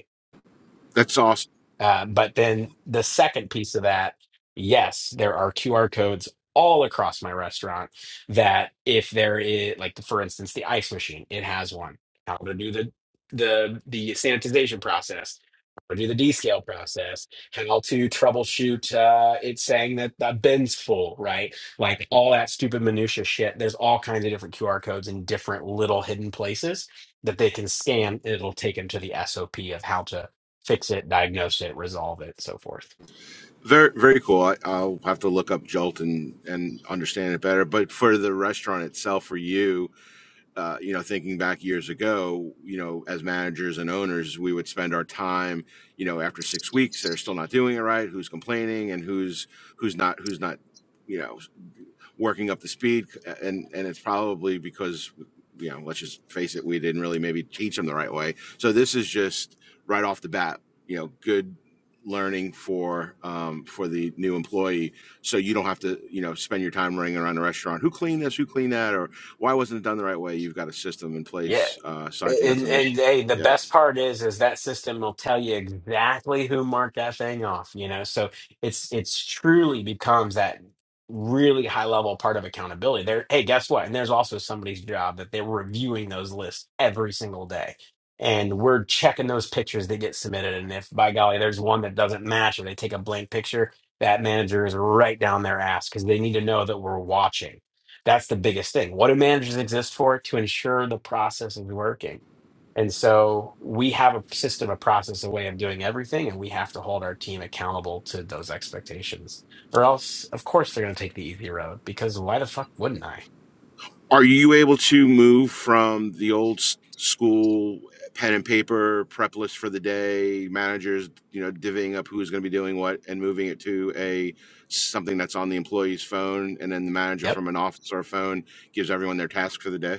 S6: that's awesome
S2: Uh, but then the second piece of that, yes, there are QR codes all across my restaurant that if there is like for instance the ice machine, it has one. How to do the the the sanitization process, how to do the descale process, how to troubleshoot uh it's saying that the bin's full, right? Like all that stupid minutia shit. There's all kinds of different QR codes in different little hidden places that they can scan. It'll take them to the SOP of how to fix it, diagnose it, resolve it, so forth.
S6: Very, very cool. I, I'll have to look up Jolt and, and understand it better. But for the restaurant itself, for you, uh, you know, thinking back years ago, you know, as managers and owners, we would spend our time, you know, after six weeks, they're still not doing it right. Who's complaining and who's who's not who's not, you know working up the speed, and and it's probably because you know, let's just face it, we didn't really maybe teach them the right way. So this is just right off the bat, you know, good learning for um, for the new employee so you don't have to you know spend your time running around the restaurant who cleaned this who cleaned that or why wasn't it done the right way you've got a system in
S2: Yeah.
S6: place uh, so i think that's
S2: And and
S6: amazing
S2: hey, the
S6: Yeah.
S2: best part is is that system will tell you exactly who marked that thing off, you know. So it's it's truly becomes that really high level part of accountability. There, hey, guess what? And there's also somebody's job that they're reviewing those lists every single day. And we're checking those pictures that get submitted. And if by golly, there's one that doesn't match or they take a blank picture, that manager is right down their ass because they need to know that we're watching That's the biggest thing. What do managers exist for? To ensure the process is working. And so we have a system, a process, a way of doing everything, and we have to hold our team accountable to those expectations. Or else, of course, they're going to take the easy road because why the fuck wouldn't I?
S6: Are you able to move from the old s- school pen and paper prep list for the day, managers, you know, divvying up who's going to be doing what, and moving it to a something that's on the employee's phone, and then the manager
S2: Yep
S6: from an office or phone gives everyone their task for the day?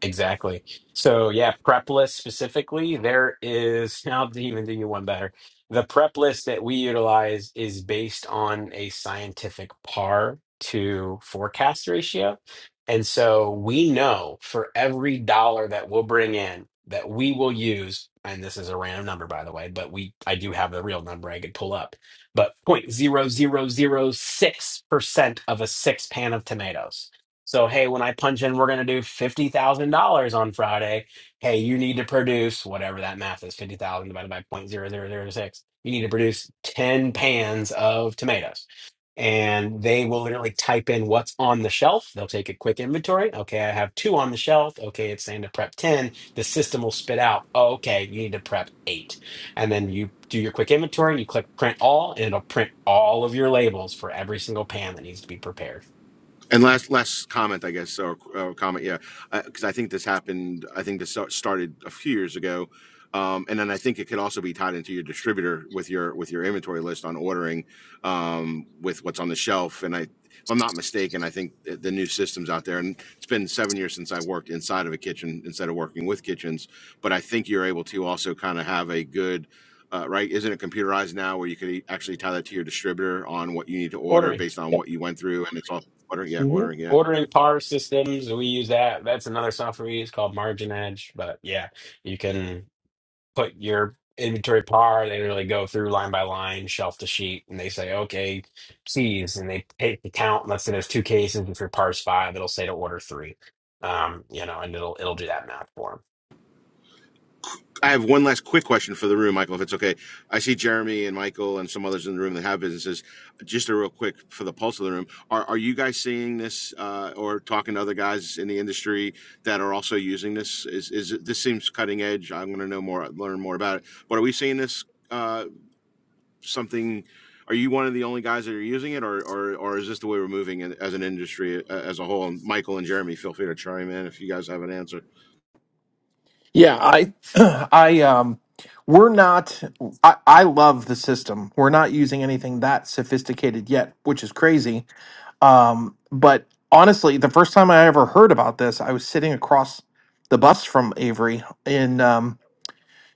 S2: Exactly. So yeah, prep list specifically, there is, [laughs] I'll even do you one better. The prep list that we utilize is based on a scientific par to forecast ratio. And so we know for every dollar that we'll bring in that we will use, and this is a random number by the way, but we I do have the real number I could pull up, but point zero zero zero six percent of a six pan of tomatoes so, hey, when I punch in, we're going to do $50,000 on Friday. Hey, you need to produce whatever that math is 50,000 divided by point zero zero zero six. You need to produce 10 pans of tomatoes. And they will literally type in what's on the shelf. They'll take a quick inventory. Okay, I have two on the shelf. Okay, it's saying to prep 10. The system will spit out, oh, okay, you need to prep eight. And then you do your quick inventory and you click print all, and it'll print all of your labels for every single pan that needs to be prepared.
S6: And last last comment, I guess, or, or comment, yeah, because I think this happened. I think this sta- started a few years ago, um, and then I think it could also be tied into your distributor with your with your inventory list on ordering, um, with what's on the shelf. And I, if I'm not mistaken, I think th- the new systems out there, and it's been seven years since I worked inside of a kitchen instead of working with kitchens, but I think you're able to also kind of have a good uh, right? Isn't it computerized now where you could e- actually tie that to your distributor on what you need to order
S2: Ordering.
S6: based
S2: Yep.
S6: on what you went through? And it's all ordering, yeah,
S2: hmm
S6: ordering, yeah.
S2: ordering par systems we use that that's another software we use called margin edge but yeah you can put your inventory par they really go through line by line shelf to sheet and they say okay C's and they take the count let's say there's two cases if your par's five it'll say to order three um you know and it'll it'll do that math for them
S6: I have one last quick question for the room, Michael, if it's okay. I see Jeremy and Michael and some others in the room that have businesses. Just a real quick for the pulse of the room. Are, are you guys seeing this uh, or talking to other guys in the industry that are also using this? Is, is it, this seems cutting edge? I'm going to know more, learn more about it. But are we seeing this? uh, something? Are you one of the only guys that are using it, or or or is this the way we're moving in, as an industry uh, as a whole? And Michael and Jeremy, feel free to chime in if you guys have an answer.
S3: Yeah, I, [clears throat] I, um, we're not, I, I love the system. We're not using anything that sophisticated yet, which is crazy. Um, but honestly, the first time I ever heard about this, I was sitting across the bus from Avery in, um,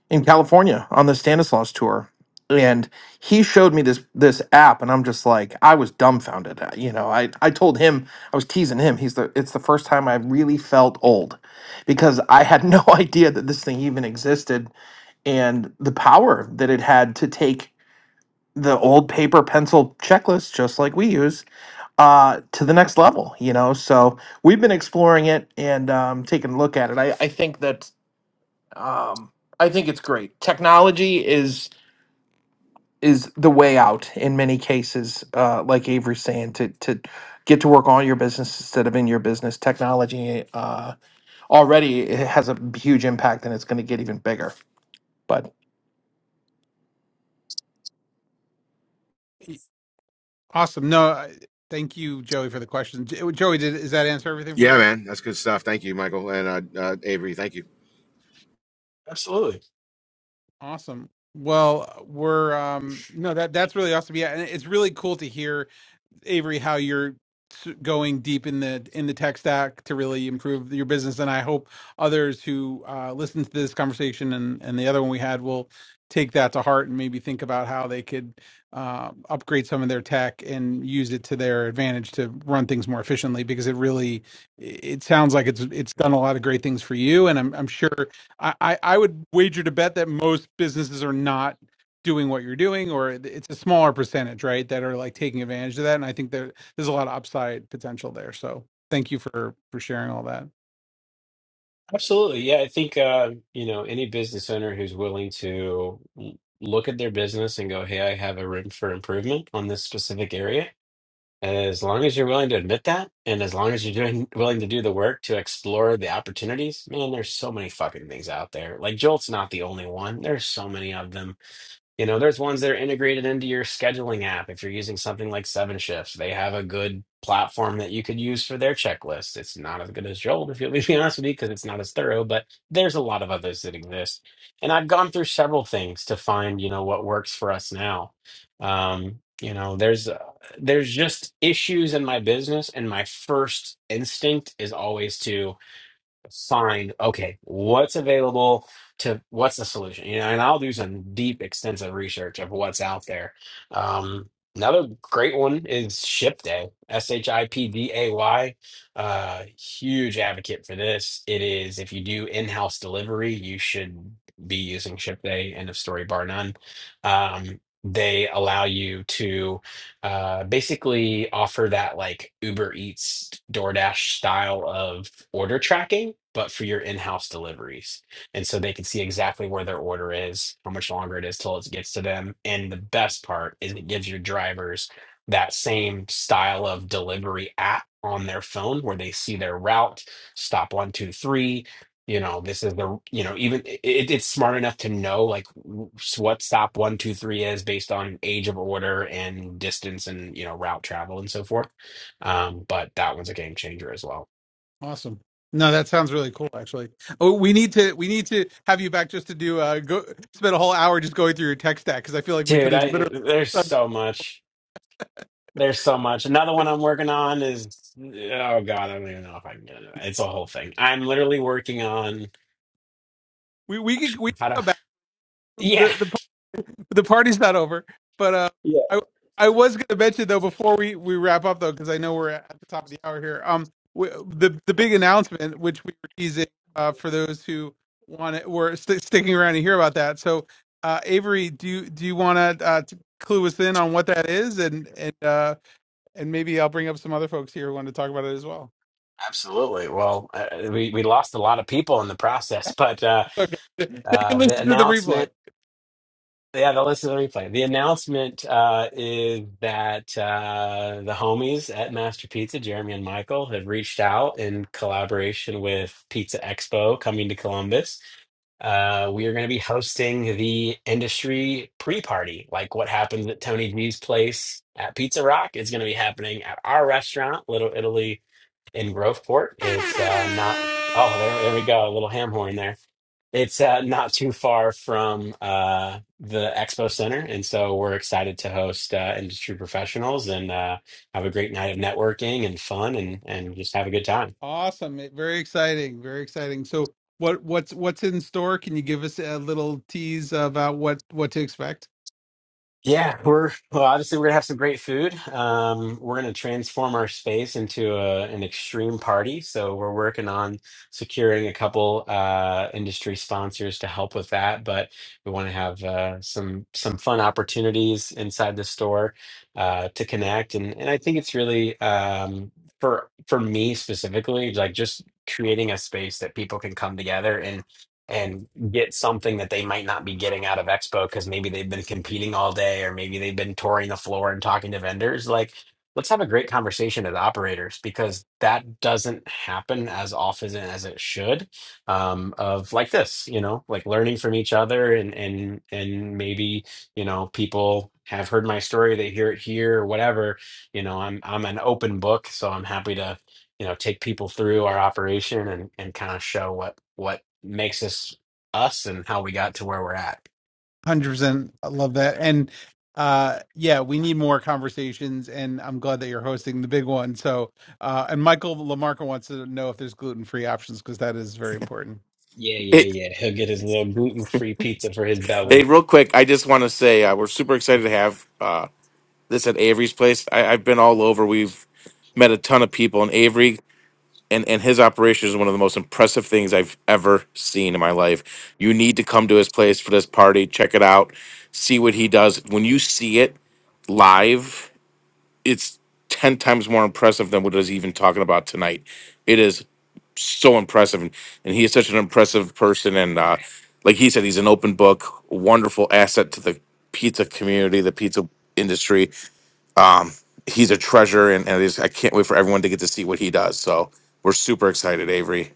S3: in California on the Stanislaus tour, and he showed me this this app, and I'm just like, I was dumbfounded. Uh, You know, I I told him I was teasing him. He's the it's the first time I really felt old, because I had no [laughs] idea that this thing even existed, and the power that it had to take the old paper pencil checklist just like we use uh to the next level you know so we've been exploring it and um taking a look at it i i think that um, I think it's great. Technology is is the way out in many cases. Uh, like Avery's saying, to to get to work on your business instead of in your business, technology uh, already it has a huge impact, and it's going to get even bigger. But
S1: Awesome. No, I, thank you, Joey, for the question. Jo- Joey, did is that answer everything for
S6: Yeah,
S1: you?
S6: man, that's good stuff. Thank you, Michael and uh, uh, Avery. Thank you.
S2: absolutely
S1: Awesome. Well, we're um no that that's really awesome. Yeah, and it's really cool to hear Avery, how you're going deep in the in the tech stack to really improve your business. And I hope others who uh, listen to this conversation and and the other one we had will take that to heart and maybe think about how they could uh, upgrade some of their tech and use it to their advantage to run things more efficiently. Because it really, it sounds like it's it's done a lot of great things for you. And I'm I'm sure I I, I would wager to bet that most businesses are not doing what you're doing, or it's a smaller percentage, right, that are like taking advantage of that. And I think there there's a lot of upside potential there. So thank you for for sharing all that.
S2: absolutely yeah I think uh you know any business owner who's willing to l- look at their business and go hey I have a room for improvement on this specific area As long as you're willing to admit that, and as long as you're doing [laughs] willing to do the work to explore the opportunities, man, there's so many fucking things out there. Like Jolt's not the only one. There's so many of them. You know, there's ones that are integrated into your scheduling app. If you're using something like Seven Shifts, they have a good platform that you could use for their checklist. It's not as good as Jolt, if you'll [laughs] be honest with you, because it's not as thorough, but there's a lot of others that exist. And I've gone through several things to find, you know, what works for us now. Um, you know, there's uh, there's just issues in my business, and my first instinct is always to Fine. Okay. What's available to what's the solution? You know, and I'll do some deep, extensive research of what's out there. Um, another great one is Ship Day, S H I P D A Y. Uh, huge advocate for this. It is if you do in-house delivery, you should be using Ship Day, end of story, bar none. Um, they allow you to uh, basically offer that like Uber Eats, DoorDash style of order tracking, but for your in-house deliveries. And so they can see exactly where their order is, how much longer it is till it gets to them. And the best part is it gives your drivers that same style of delivery app on their phone where they see their route, stop one, two, three you know this is the you know even it, it's smart enough to know like w- what stop one two three is based on age of order and distance and you know route travel and so forth um but that one's a game changer as well
S1: Awesome. No, that sounds really cool. Actually, oh, we need to we need to have you back just to do uh go spend a whole hour just going through your tech stack because I feel like we could
S2: dude
S1: have
S2: i uh,
S1: literally
S2: there's so much there's so much another one i'm working on is oh god i don't even know if i can get into it. it's a whole thing i'm literally working on
S1: we we could we could
S2: how to
S1: come
S2: yeah
S1: the the party, the party's not over. But uh,
S2: yeah
S1: I I was going to mention though before we we wrap up though because I know we're at the top of the hour here. Um, we, the the big announcement which we were teasing uh, for those who want it were st- sticking around to hear about that. So, uh, Avery, do you do you want to uh, t- clue us in on what that is and and uh, and maybe I'll bring up some other folks here who want to talk about it as well.
S2: absolutely well uh, we we lost a lot of people in the process but uh
S1: okay. [laughs] They can
S2: uh, the
S1: listen to the
S2: announcement
S1: replay.
S2: Yeah, they'll listen to the replay. The announcement uh, is that uh, the homies at Master Pizza, Jeremy and Michael, have reached out in collaboration with Pizza Expo coming to Columbus. Uh, we are going to be hosting the industry pre-party, like what happens at Tony G's place at Pizza Rock is going to be happening at our restaurant, Little Italy in Groveport. It's uh, not. Oh, there, there we go, a little ham horn there. It's uh, not too far from uh, the expo center, and so we're excited to host uh, industry professionals and uh, have a great night of networking and fun, and and just have a good time.
S1: Awesome. It- Very exciting. Very exciting. So what what's what's in store? Can you give us a little tease about what what to expect?
S2: Yeah, we're well, obviously we're gonna have some great food. Um, we're gonna transform our space into a, an extreme party. So we're working on securing a couple uh, industry sponsors to help with that. But we want to have uh, some some fun opportunities inside the store uh, to connect, and and I think it's really um, for for me specifically, like just creating a space that people can come together and get something that they might not be getting out of Expo because maybe they've been competing all day or maybe they've been touring the floor and talking to vendors. Like, let's have a great conversation as operators because that doesn't happen as often as it should. Um, of like this, you know, like learning from each other and and and maybe you know people have heard my story, they hear it here or whatever. You know, I'm I'm an open book, so I'm happy to you know take people through our operation and and kind of show what what makes us us and how we got to where we're at
S1: 100%. I love that. And uh yeah, we need more conversations and I'm glad that you're hosting the big one. So uh and Michael Lamarca wants to know if there's gluten-free options because that is very important.
S2: yeah yeah
S4: It,
S2: yeah he'll get his little gluten-free pizza for his
S1: Uh,
S4: hey,
S2: belly
S4: real quick, I just want to say uh, we're super excited to have uh, this at Avery's place. I, I've been all over. We've met a ton of people, and Avery and, and his operation is one of the most impressive things I've ever seen in my life. You need to come to his place for this party. Check it out. See what he does. When you see it live, it's 10 times more impressive than what is even talking about tonight. It is so impressive. And, and he is such an impressive person. And uh, like he said, he's an open book, wonderful asset to the pizza community, the pizza industry. Um, he's a treasure. And, and I I can't wait for everyone to get to see what he does. So we're super excited, Avery.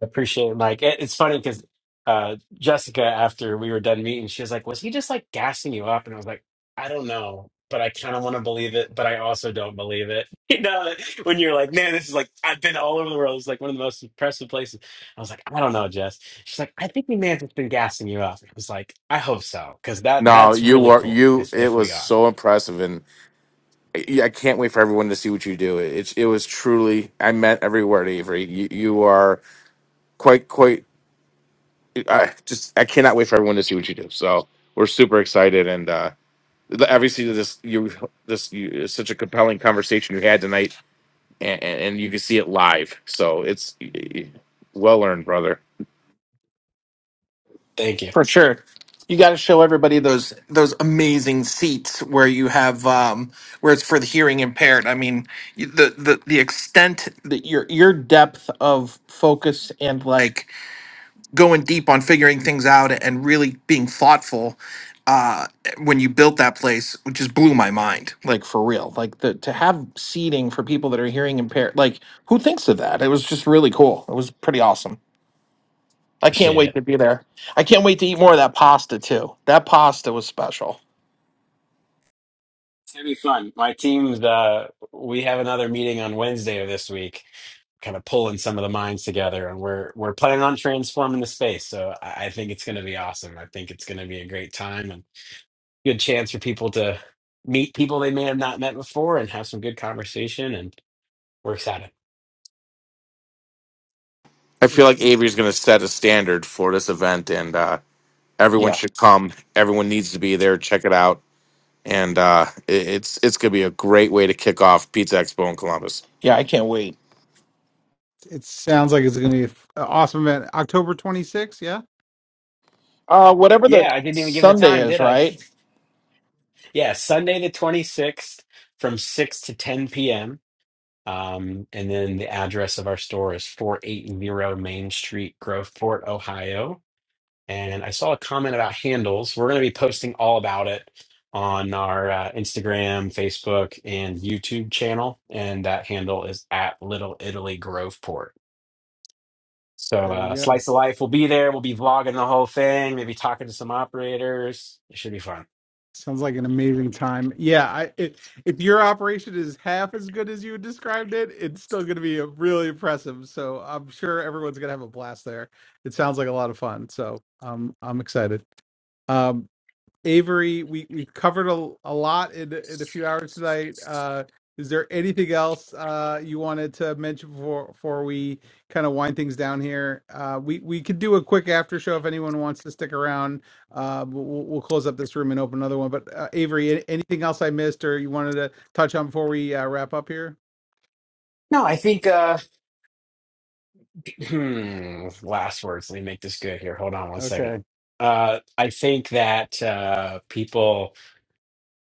S2: appreciate it mike It- it's funny because uh jessica after we were done meeting she was like was he just like gassing you up and i was like i don't know but i kind of want to believe it but i also don't believe it [laughs] you know when you're like man this is like i've been all over the world it's like one of the most impressive places I was like, I don't know, Jess. She's like, I think we may have just been gassing you up. I was like, I hope so, because that
S4: No,
S2: that's
S4: you
S2: really
S4: were
S2: cool
S4: you.
S2: if
S4: It
S2: if
S4: was
S2: we are.
S4: so impressive, and I I can't wait for everyone to see what you do. It's it was truly. I meant every word, Avery. You, you are quite quite I just I cannot wait for everyone to see what you do. So we're super excited, and uh, obviously this you this you, it's such a compelling conversation you had tonight, and, and you can see it live. So it's well earned, brother.
S2: Thank you.
S3: for sure, you got to show everybody those those amazing seats where you have um, where it's for the hearing impaired. I mean, y- the the the extent that your your depth of focus and like going deep on figuring things out and really being thoughtful uh, when you built that place, which just blew my mind, like for real. Like the, to have seating for people that are hearing impaired, like who thinks of that? It was just really cool. It was pretty awesome. I can't
S2: Appreciate
S3: wait
S2: it.
S3: to be there. I can't wait to eat more of that pasta too. That pasta was special.
S2: It's gonna be fun. My team's uh we have another meeting on Wednesday of this week, kind of pulling some of the minds together and we're we're planning on transforming the space. So I, I think it's gonna be awesome. I think it's gonna be a great time and. good chance for people to meet people they may have not met before and have some good conversation. And we're excited.
S4: I feel like Avery's going to set a standard for this event, and uh, everyone
S3: Yeah.
S4: should come. Everyone needs to be there. Check it out, and uh, it, it's it's going to be a great way to kick off Pizza Expo in Columbus.
S3: Yeah, I can't wait.
S1: It sounds like it's going to be an awesome event. October 26th, yeah?
S3: Uh, whatever the
S2: Yeah, I didn't even give the
S3: Sunday
S2: time,
S3: is,
S2: did I?
S3: right?
S2: [laughs] yeah, Sunday the 26th from 6 to 10 p.m. Um, and then the address of our store is 480 Main Street, Groveport, Ohio. And I saw a comment about handles. We're going to be posting all about it on our uh, Instagram, Facebook, and YouTube channel. And that handle is at Little Italy Groveport. So
S1: There
S2: uh,
S1: you go.
S2: Slice of Life will be there. We'll be vlogging the whole thing, maybe talking to some operators. It should be fun.
S1: Sounds like an amazing time. Yeah, I, it, if your operation is half as good as you described it, it's still going to be uh, really impressive. So I'm sure everyone's going to have a blast there. It sounds like a lot of fun. So um, I'm excited. Um, Avery, we we covered a, a lot in in a few hours tonight. Uh, is there anything else uh, you wanted to mention before before we kind of wind things down here? Uh, we we could do a quick after show if anyone wants to stick around. Uh, but we'll, we'll close up this room and open another one. But uh, Avery, a- anything else I missed or you wanted to touch on before we uh, wrap up here?
S2: No, I think uh [clears throat] hmm, last words, let me make this good here. Hold on one
S1: Okay.
S2: second. Uh I think that uh people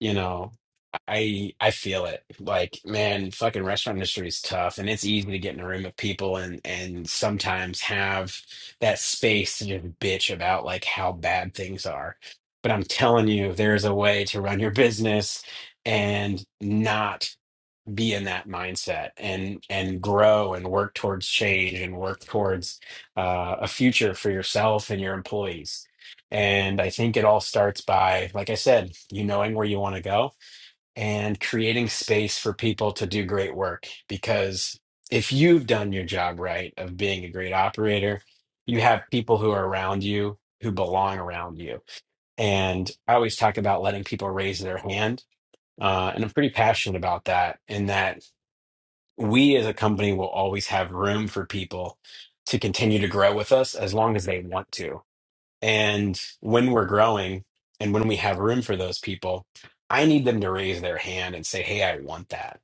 S2: you know, I I feel it. Like, man, fucking restaurant industry is tough and it's easy to get in a room with people and and sometimes have that space to just bitch about like how bad things are. But I'm telling you, there's a way to run your business and not be in that mindset and and grow and work towards change and work towards uh, a future for yourself and your employees. And I think it all starts by, like I said, you knowing where you want to go and creating space for people to do great work. Because if you've done your job right of being a great operator, you have people who are around you who belong around you. And I always talk about letting people raise their hand. Uh, and I'm pretty passionate about that, in that we as a company will always have room for people to continue to grow with us as long as they want to. And when we're growing and when we have room for those people, I need them to raise their hand and say, Hey, I want that.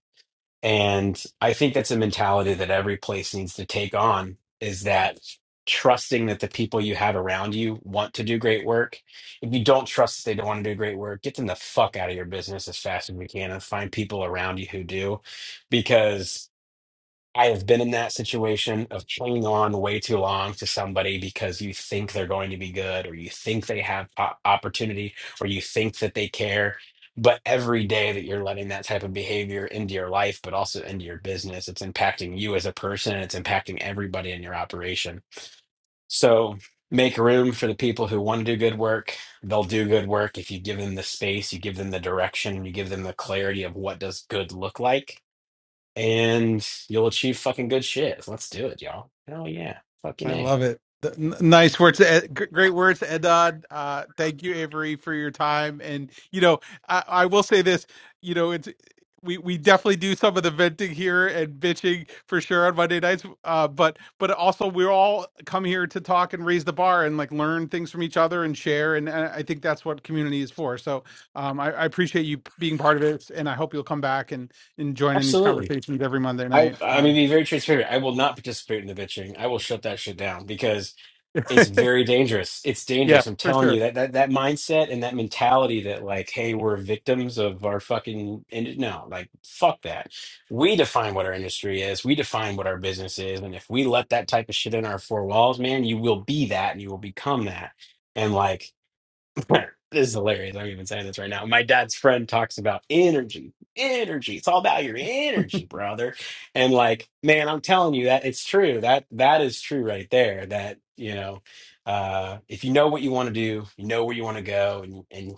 S2: And I think that's a mentality that every place needs to take on is that trusting that the people you have around you want to do great work. If you don't trust that they don't want to do great work, get them the fuck out of your business as fast as we can and find people around you who do. Because I have been in that situation of clinging on way too long to somebody because you think they're going to be good or you think they have o- opportunity or you think that they care. But every day that you're letting that type of behavior into your life, but also into your business, it's impacting you as a person and it's impacting everybody in your operation. So make room for the people who want to do good work. They'll do good work if you give them the space, you give them the direction, you give them the clarity of what does good look like and you'll achieve fucking good shit. Let's do it, y'all. Hell yeah. Fucking
S1: I
S2: A.
S1: love it. The, n- nice words, to Ed, gr- great words, Edad. Uh, thank you, Avery, for your time. And you know, I, I will say this. You know, it's we we definitely do some of the venting here and bitching for sure on Monday nights. Uh, but but also we're all come here to talk and raise the bar and like learn things from each other and share. And, and I think that's what community is for. So um, I, I appreciate you being part of it, and I hope you'll come back and and join in these
S2: Absolutely.
S1: conversations every Monday
S2: I
S1: night.
S2: I mean
S1: Um,
S2: be very transparent. I will not participate in the bitching. I will shut that shit down because it's very dangerous. It's
S1: yeah,
S2: dangerous. I'm
S1: for
S2: telling
S1: sure.
S2: you that that, that mindset and that mentality that like, hey, we're victims of our fucking and no, like fuck that. We define what our industry is. We define what our business is. And if we let that type of shit in our four walls, man, you will be that and you will become that. And like [laughs] this is hilarious. I'm even saying this right now. My dad's friend talks about energy, energy. It's all about your energy, brother. And like, man, I'm telling you that it's true. That that is true right there. That you know, uh, if you know what you want to do, you know where you want to go, and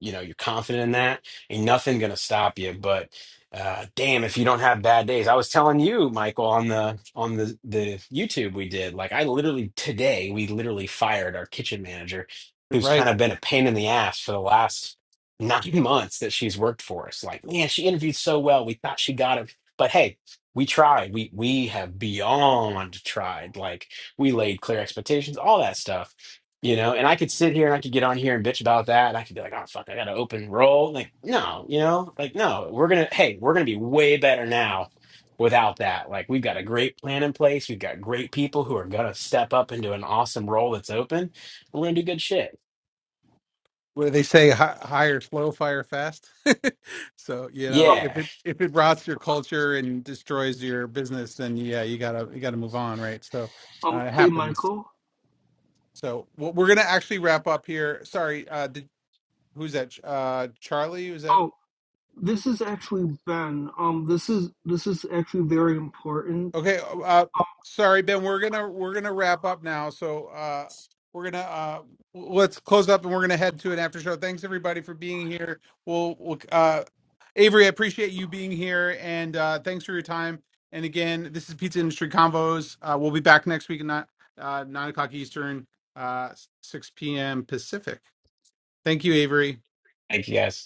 S2: you know you're confident in that ain't nothing gonna stop you but uh damn if you don't have bad days i was telling you michael on the on the the youtube we did like i literally today we literally fired our kitchen manager who's
S1: Right.
S2: kind of been a pain in the ass for the last nine [laughs] months that she's worked for us like man she interviewed so well we thought she got it but hey we tried we we have beyond tried like we laid clear expectations all that stuff you know and i could sit here and i could get on here and bitch about that and i could be like oh fuck i gotta open roll like no you know like no we're gonna hey we're gonna be way better now without that like we've got a great plan in place we've got great people who are gonna step up into an awesome role that's open we're gonna do good shit
S1: where they say hi, hire slow fire fast [laughs] so you know
S7: Um,
S1: if
S2: yeah
S1: it if it rots your culture and destroys your business then yeah you gotta you gotta move on right so
S7: um,
S1: uh, it
S7: hey
S1: happens
S7: Michael.
S1: so what we're gonna actually wrap up here sorry uh did, who's that uh charlie was that
S7: Oh, this is actually Ben. Um, this is this is actually very important.
S1: Okay, uh, uh, sorry, Ben. We're gonna we're gonna wrap up now. So uh, we're gonna uh, w- let's close up, and we're gonna head to an after show. Thanks everybody for being here. We'll, we'll uh, Avery, I appreciate you being here, and uh, thanks for your time. And again, this is Pizza Industry Convo's. Uh, we'll be back next week at nine, uh, nine o'clock Eastern, uh, six p.m. Pacific. Thank you, Avery.
S2: thank you guys